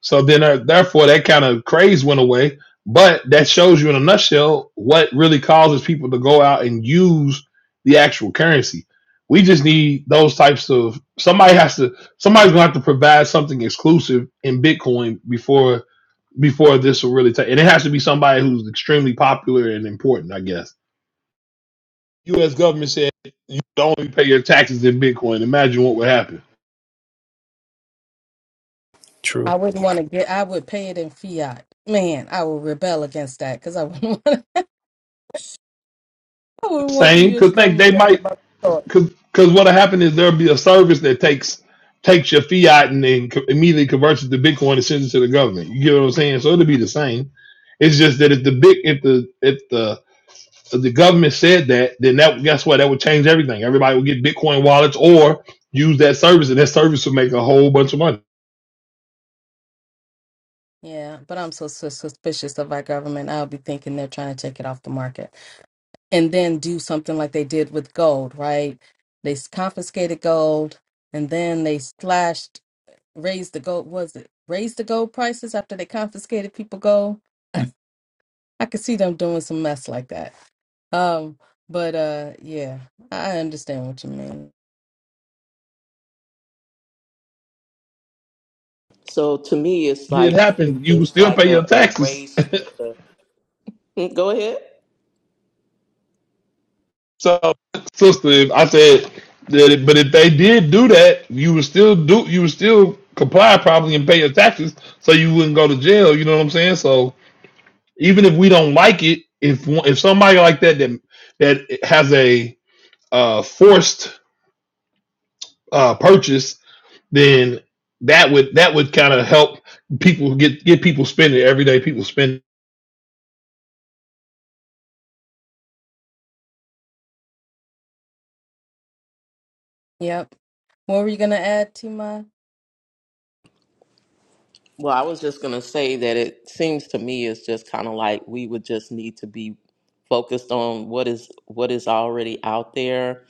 So then, uh, therefore, that kind of craze went away. But that shows you in a nutshell what really causes people to go out and use the actual currency. We just need those types of somebody has to somebody's gonna have to provide something exclusive in Bitcoin before before this will really take, and it has to be somebody who's extremely popular and important, I guess. U.S. government said you don't pay your taxes in Bitcoin. Imagine what would happen. I True. wouldn't want to get. I would pay it in fiat. Man, I would rebel against that because I wouldn't want. I wouldn't want the Same, U.S. because think government they to have might, my thought. because because what will happen is there'll be a service that takes takes your fiat and then co- immediately converts it to Bitcoin and sends it to the government. You get what I'm saying? So it'll be the same. It's just that if the big if the if the if the government said that, then that guess what? That would change everything. Everybody would get Bitcoin wallets or use that service, and that service would make a whole bunch of money. Yeah, but I'm so, so suspicious of our government. I'll be thinking they're trying to take it off the market and then do something like they did with gold, right? They s- confiscated gold and then they slashed, raised the gold, was it? Raised the gold prices after they confiscated people gold. I could see them doing some mess like that. Um, but uh yeah, I understand what you mean. So to me, it's It did like really happen. You would just still like pay your a, a taxes race for the. Hmm, Go ahead. So, sister, if I said that, it, but if they did do that, you would still do, you would still comply probably and pay your taxes, so you wouldn't go to jail. You know what I'm saying? So, even if we don't like it, if one- if somebody like that that that has a uh, forced uh, purchase, then that would that would kind of help people get get people spending everyday people spending. Yep. What were you gonna add, Tima? Well, I was just going to say that it seems to me it's just kind of like we would just need to be focused on what is what is already out there.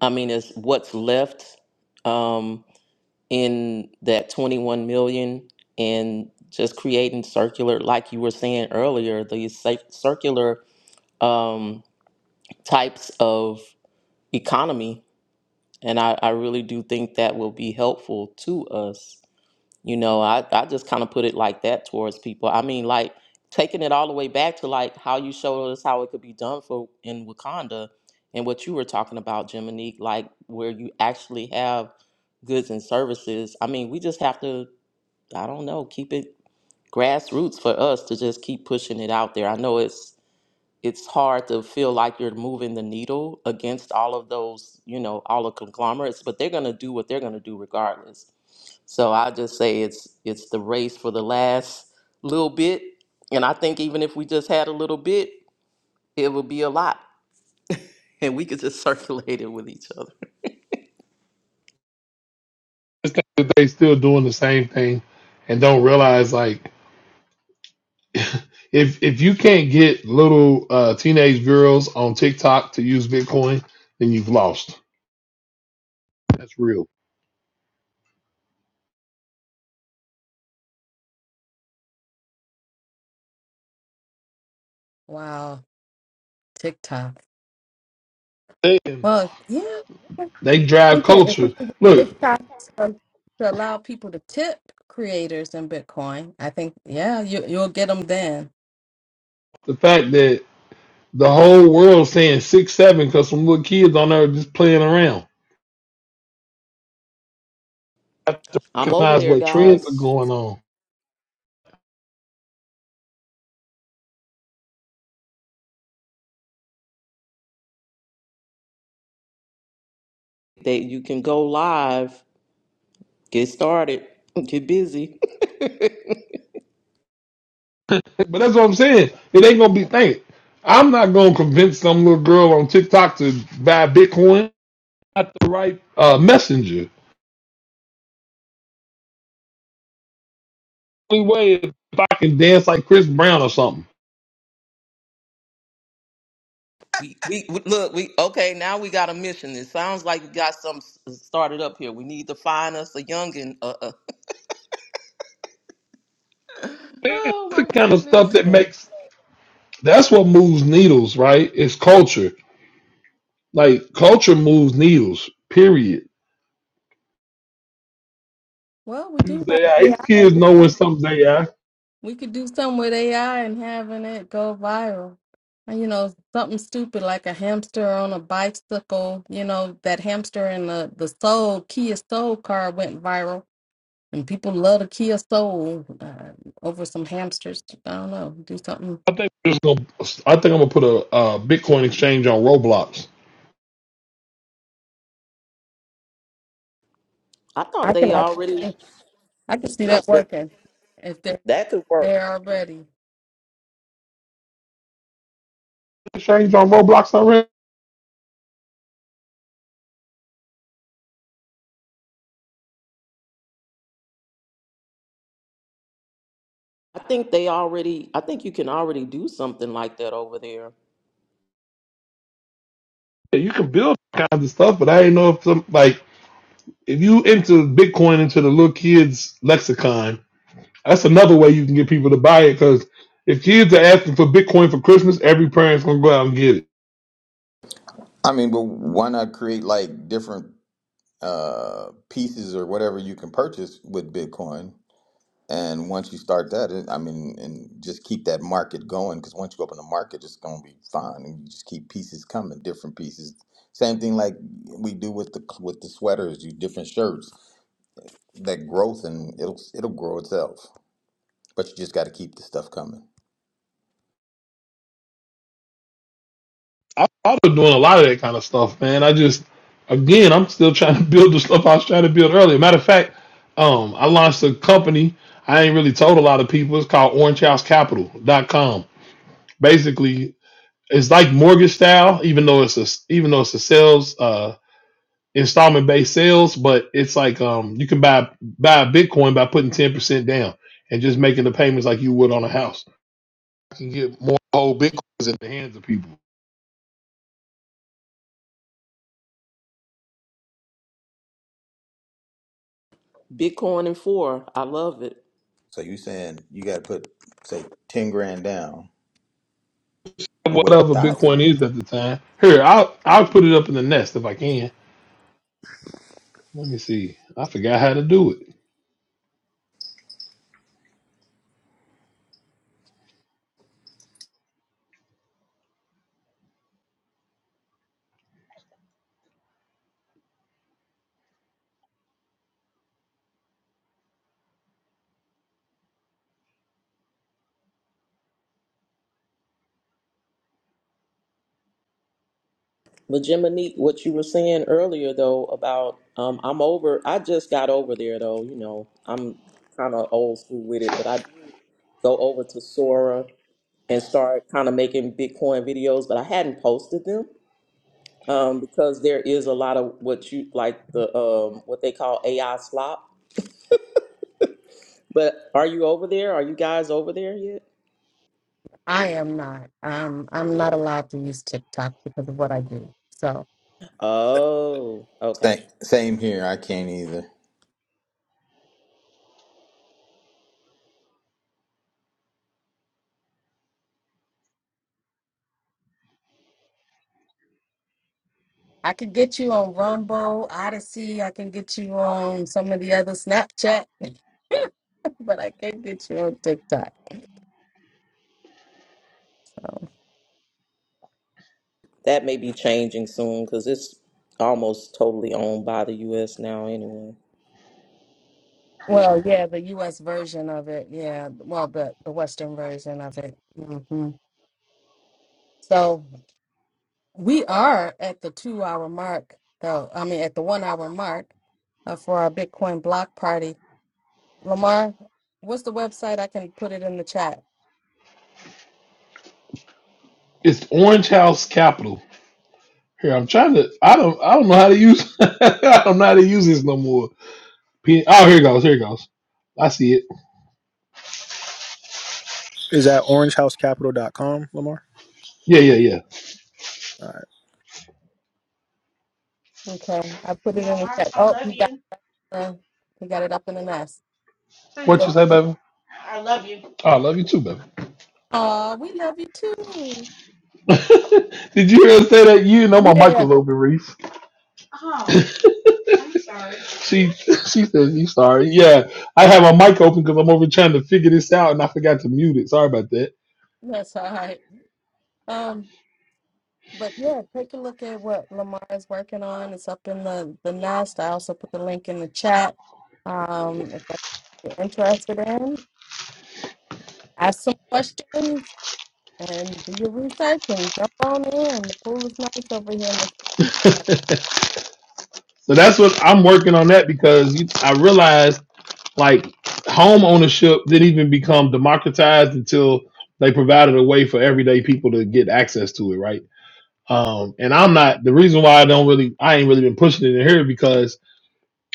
I mean, it's what's left um, in that 21 million and just creating circular, like you were saying earlier, these cir- circular um, types of economy. And I, I really do think that will be helpful to us. You know, I, I just kind of put it like that towards people. I mean, like taking it all the way back to like how you showed us how it could be done for in Wakanda and what you were talking about, Jiminique, like where you actually have goods and services. I mean, we just have to, I don't know, keep it grassroots for us to just keep pushing it out there. I know it's it's hard to feel like you're moving the needle against all of those, you know, all the conglomerates, but they're going to do what they're going to do regardless. So I just say it's it's the race for the last little bit, and I think even if we just had a little bit, it would be a lot, and we could just circulate it with each other. It's that they still doing the same thing and don't realize like if if you can't get little uh, teenage girls on TikTok to use Bitcoin, then you've lost. That's real. Wow, TikTok. Hey, Well, yeah. They we drive could if culture. we could get Look, TikTok to, to allow people to tip creators in Bitcoin, I think yeah, you you'll get them then. the fact that the whole world's saying six seven because some little kids on there just playing around. I'm over Recognize there, what trends are guys. going on. That you can go live, get started, get busy. But that's what I'm saying. It ain't gonna be think. I'm not gonna convince some little girl on TikTok to buy Bitcoin. Not the right uh, messenger. Only way is if I can dance like Chris Brown or something. We, we we- look we okay now we got a mission it sounds like we got something s- started up here we need to find us a youngin uh, uh Man, Oh that's the my kind of goodness. stuff that Yeah. makes that's what moves needles, right? It's culture. Like culture moves needles. Period. Well, we do have Tuesday, I- AI. these We kids know can when something they are. we could do something with AI and having it go viral. And, you know, something stupid like a hamster on a bicycle. You know, that hamster and the the Soul Kia Soul car went viral, and people love the Kia Soul uh, over some hamsters. I don't know. Do something. I think I'm just gonna. I think I'm gonna put a, uh Bitcoin exchange on Roblox. I thought I they can. already, I can see that but working. If they're that could work there already, Exchange on Roblox already. I think they already, I think you can already do something like that over there. Yeah, You can build all kinds of stuff, but I didn't know if some like if you into Bitcoin into the little kids lexicon, that's another way you can get people to buy it. Because if kids are asking for Bitcoin for Christmas, every parent's gonna go out and get it. I mean, well, why not create like different uh, pieces or whatever you can purchase with Bitcoin? And once you start that, it, I mean, and just keep that market going because once you open the market, it's going to be fine, and you just keep pieces coming, different pieces. Same thing like we do with the with the sweaters, you different shirts. that growth and it'll it'll grow itself. But you just got to keep the stuff coming. I started doing a lot of that kind of stuff, man. I just, again, I'm still trying to build the stuff I was trying to build earlier. Matter of fact, um, I launched a company. I ain't really told a lot of people. It's called OrangeHouseCapital.com. Basically, it's like mortgage style, even though it's a even though it's a sales uh, installment based sales, but it's like um, you can buy buy a Bitcoin by putting ten percent down and just making the payments like you would on a house. You can get more whole bitcoins in the hands of people. Bitcoin and four, I love it. So you saying you got to put say ten grand down? Oh wait, whatever thousand. Bitcoin is at the time. Here, I'll I'll put it up in the nest if I can. Let me see. I forgot how to do it. But Jiminique, what you were saying earlier though about, um, I'm over, I just got over there though, you know, I'm kind of old school with it, but I did go over to Sora and start kind of making Bitcoin videos, but I hadn't posted them um, because there is a lot of what you like the um, what they call AI slop. But are you over there? Are you guys over there yet? I am not. I'm I'm not allowed to use TikTok because of what I do. So Oh, okay. Same same here. I can't either. I can get you on Rumble, Odyssey. I can get you on some of the other Snapchat, but I can't get you on TikTok. That may be changing soon because it's almost totally owned by the U.S. now, anyway. Well, yeah, the U.S. version of it. Yeah, well, the the Western version of it. hmm So we are at the two hour mark, though. I mean, at the one hour mark uh, for our Bitcoin block party. Lamar, what's the website? I can put it in the chat. It's Orange House Capital. Here, I'm trying to. I don't. I don't know how to use. I don't know how to use this no more. P- oh, here it goes. Here it goes. I see it. Is that orange house capital dot com, Lamar? Yeah, yeah, yeah. All right. Okay, I put it in the chat. Oh, he got the, he got it up in the nest. There What you So, you say, baby? Oh, I love you too, baby. oh, we love you too. Did you hear her say that? You didn't know my mic Yeah, was open, Reese. She she says you sorry. Yeah, I have my mic open because I'm over trying to figure this out and I forgot to mute it. Sorry about that. that's all right. Um, but yeah, take a look at what Lamar is working on. It's up in the the nest. I also put the link in the chat. Um, if that's what you're interested in, ask some questions and do your research and jump on in. The pool is nice over here in this. So that's what I'm working on that because you- I realized like home ownership didn't even become democratized until they provided a way for everyday people to get access to it, right? Um, and I'm not the reason why I don't really I ain't really been pushing it in here because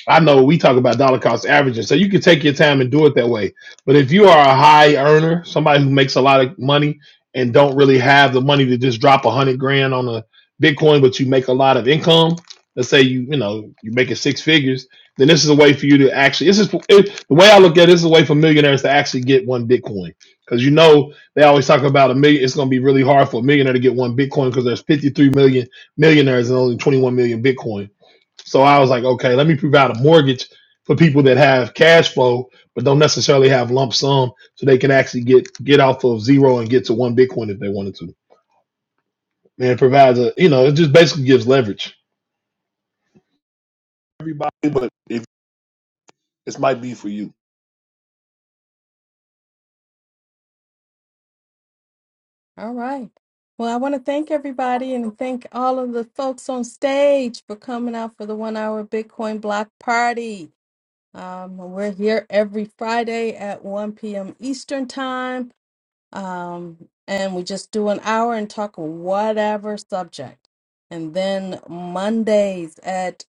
I know we talk about dollar cost averaging, so you can take your time and do it that way. But if you are a high earner, somebody who makes a lot of money and don't really have the money to just drop a hundred grand on a Bitcoin, but you make a lot of income, let's say you you know you're making six figures, then this is a way for you to actually. This is it, the way I look at it, this is a way for millionaires to actually get one Bitcoin because you know they always talk about a million. It's going to be really hard for a millionaire to get one Bitcoin because there's 53 million millionaires and only 21 million Bitcoin. So I was like, okay, let me provide a mortgage for people that have cash flow but don't necessarily have lump sum, so they can actually get get off of zero and get to one Bitcoin if they wanted to. Man, it provides a you know, it just basically gives leverage. Everybody, but if this might be for you. All right. Well, I want to thank everybody and thank all of the folks on stage for coming out for the one hour Bitcoin block party. Um, we're here every Friday at 1 p.m. Eastern time. Um, and we just do an hour and talk whatever subject. And then Mondays at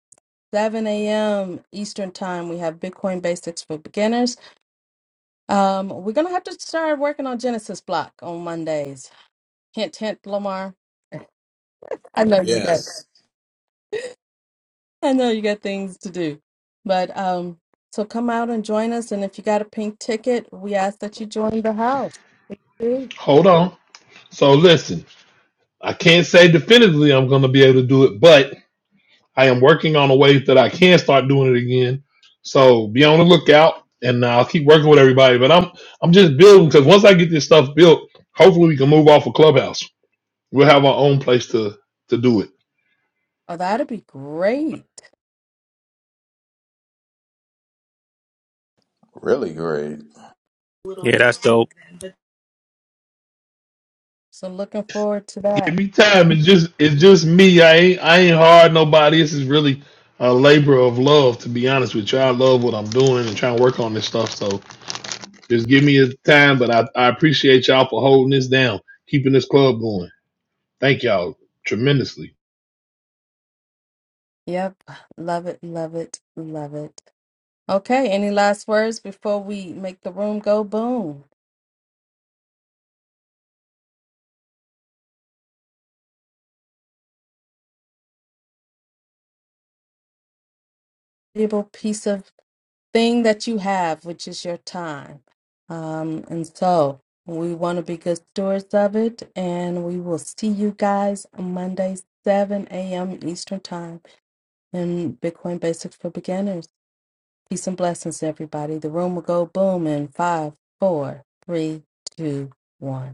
7 a.m. Eastern time, we have Bitcoin Basics for Beginners. Um, we're going to have to start working on Genesis block on Mondays. Hint, hint, Lamar. I know you got Yes, I know you got things to do. But um so come out and join us and if you got a pink ticket, we ask that you join the house. Please do. Hold on. So listen, I can't say definitively I'm going to be able to do it, but I am working on a way that I can start doing it again. So be on the lookout, and I'll keep working with everybody. But I'm I'm just building because once I get this stuff built, hopefully we can move off of Clubhouse. We'll have our own place to to do it. Oh, that'd be great. really great. Yeah, that's dope. So looking forward to Give that. me time. It's just it's just me. I ain't I ain't hard nobody. This is really a labor of love, to be honest with you. I love what I'm doing and trying to work on this stuff. So just give me a time. But I, I appreciate y'all for holding this down, keeping this club going. Thank y'all tremendously. Yep. Love it, love it, love it. Okay, any last words before we make the room go boom? valuable piece of thing that you have, which is your time. Um, and so we want to be good stewards of it. And we will see you guys on Monday, 7 a.m. Eastern Time in Bitcoin Basics for Beginners. Peace and blessings, everybody. The room will go boom in five, four, three, two, one.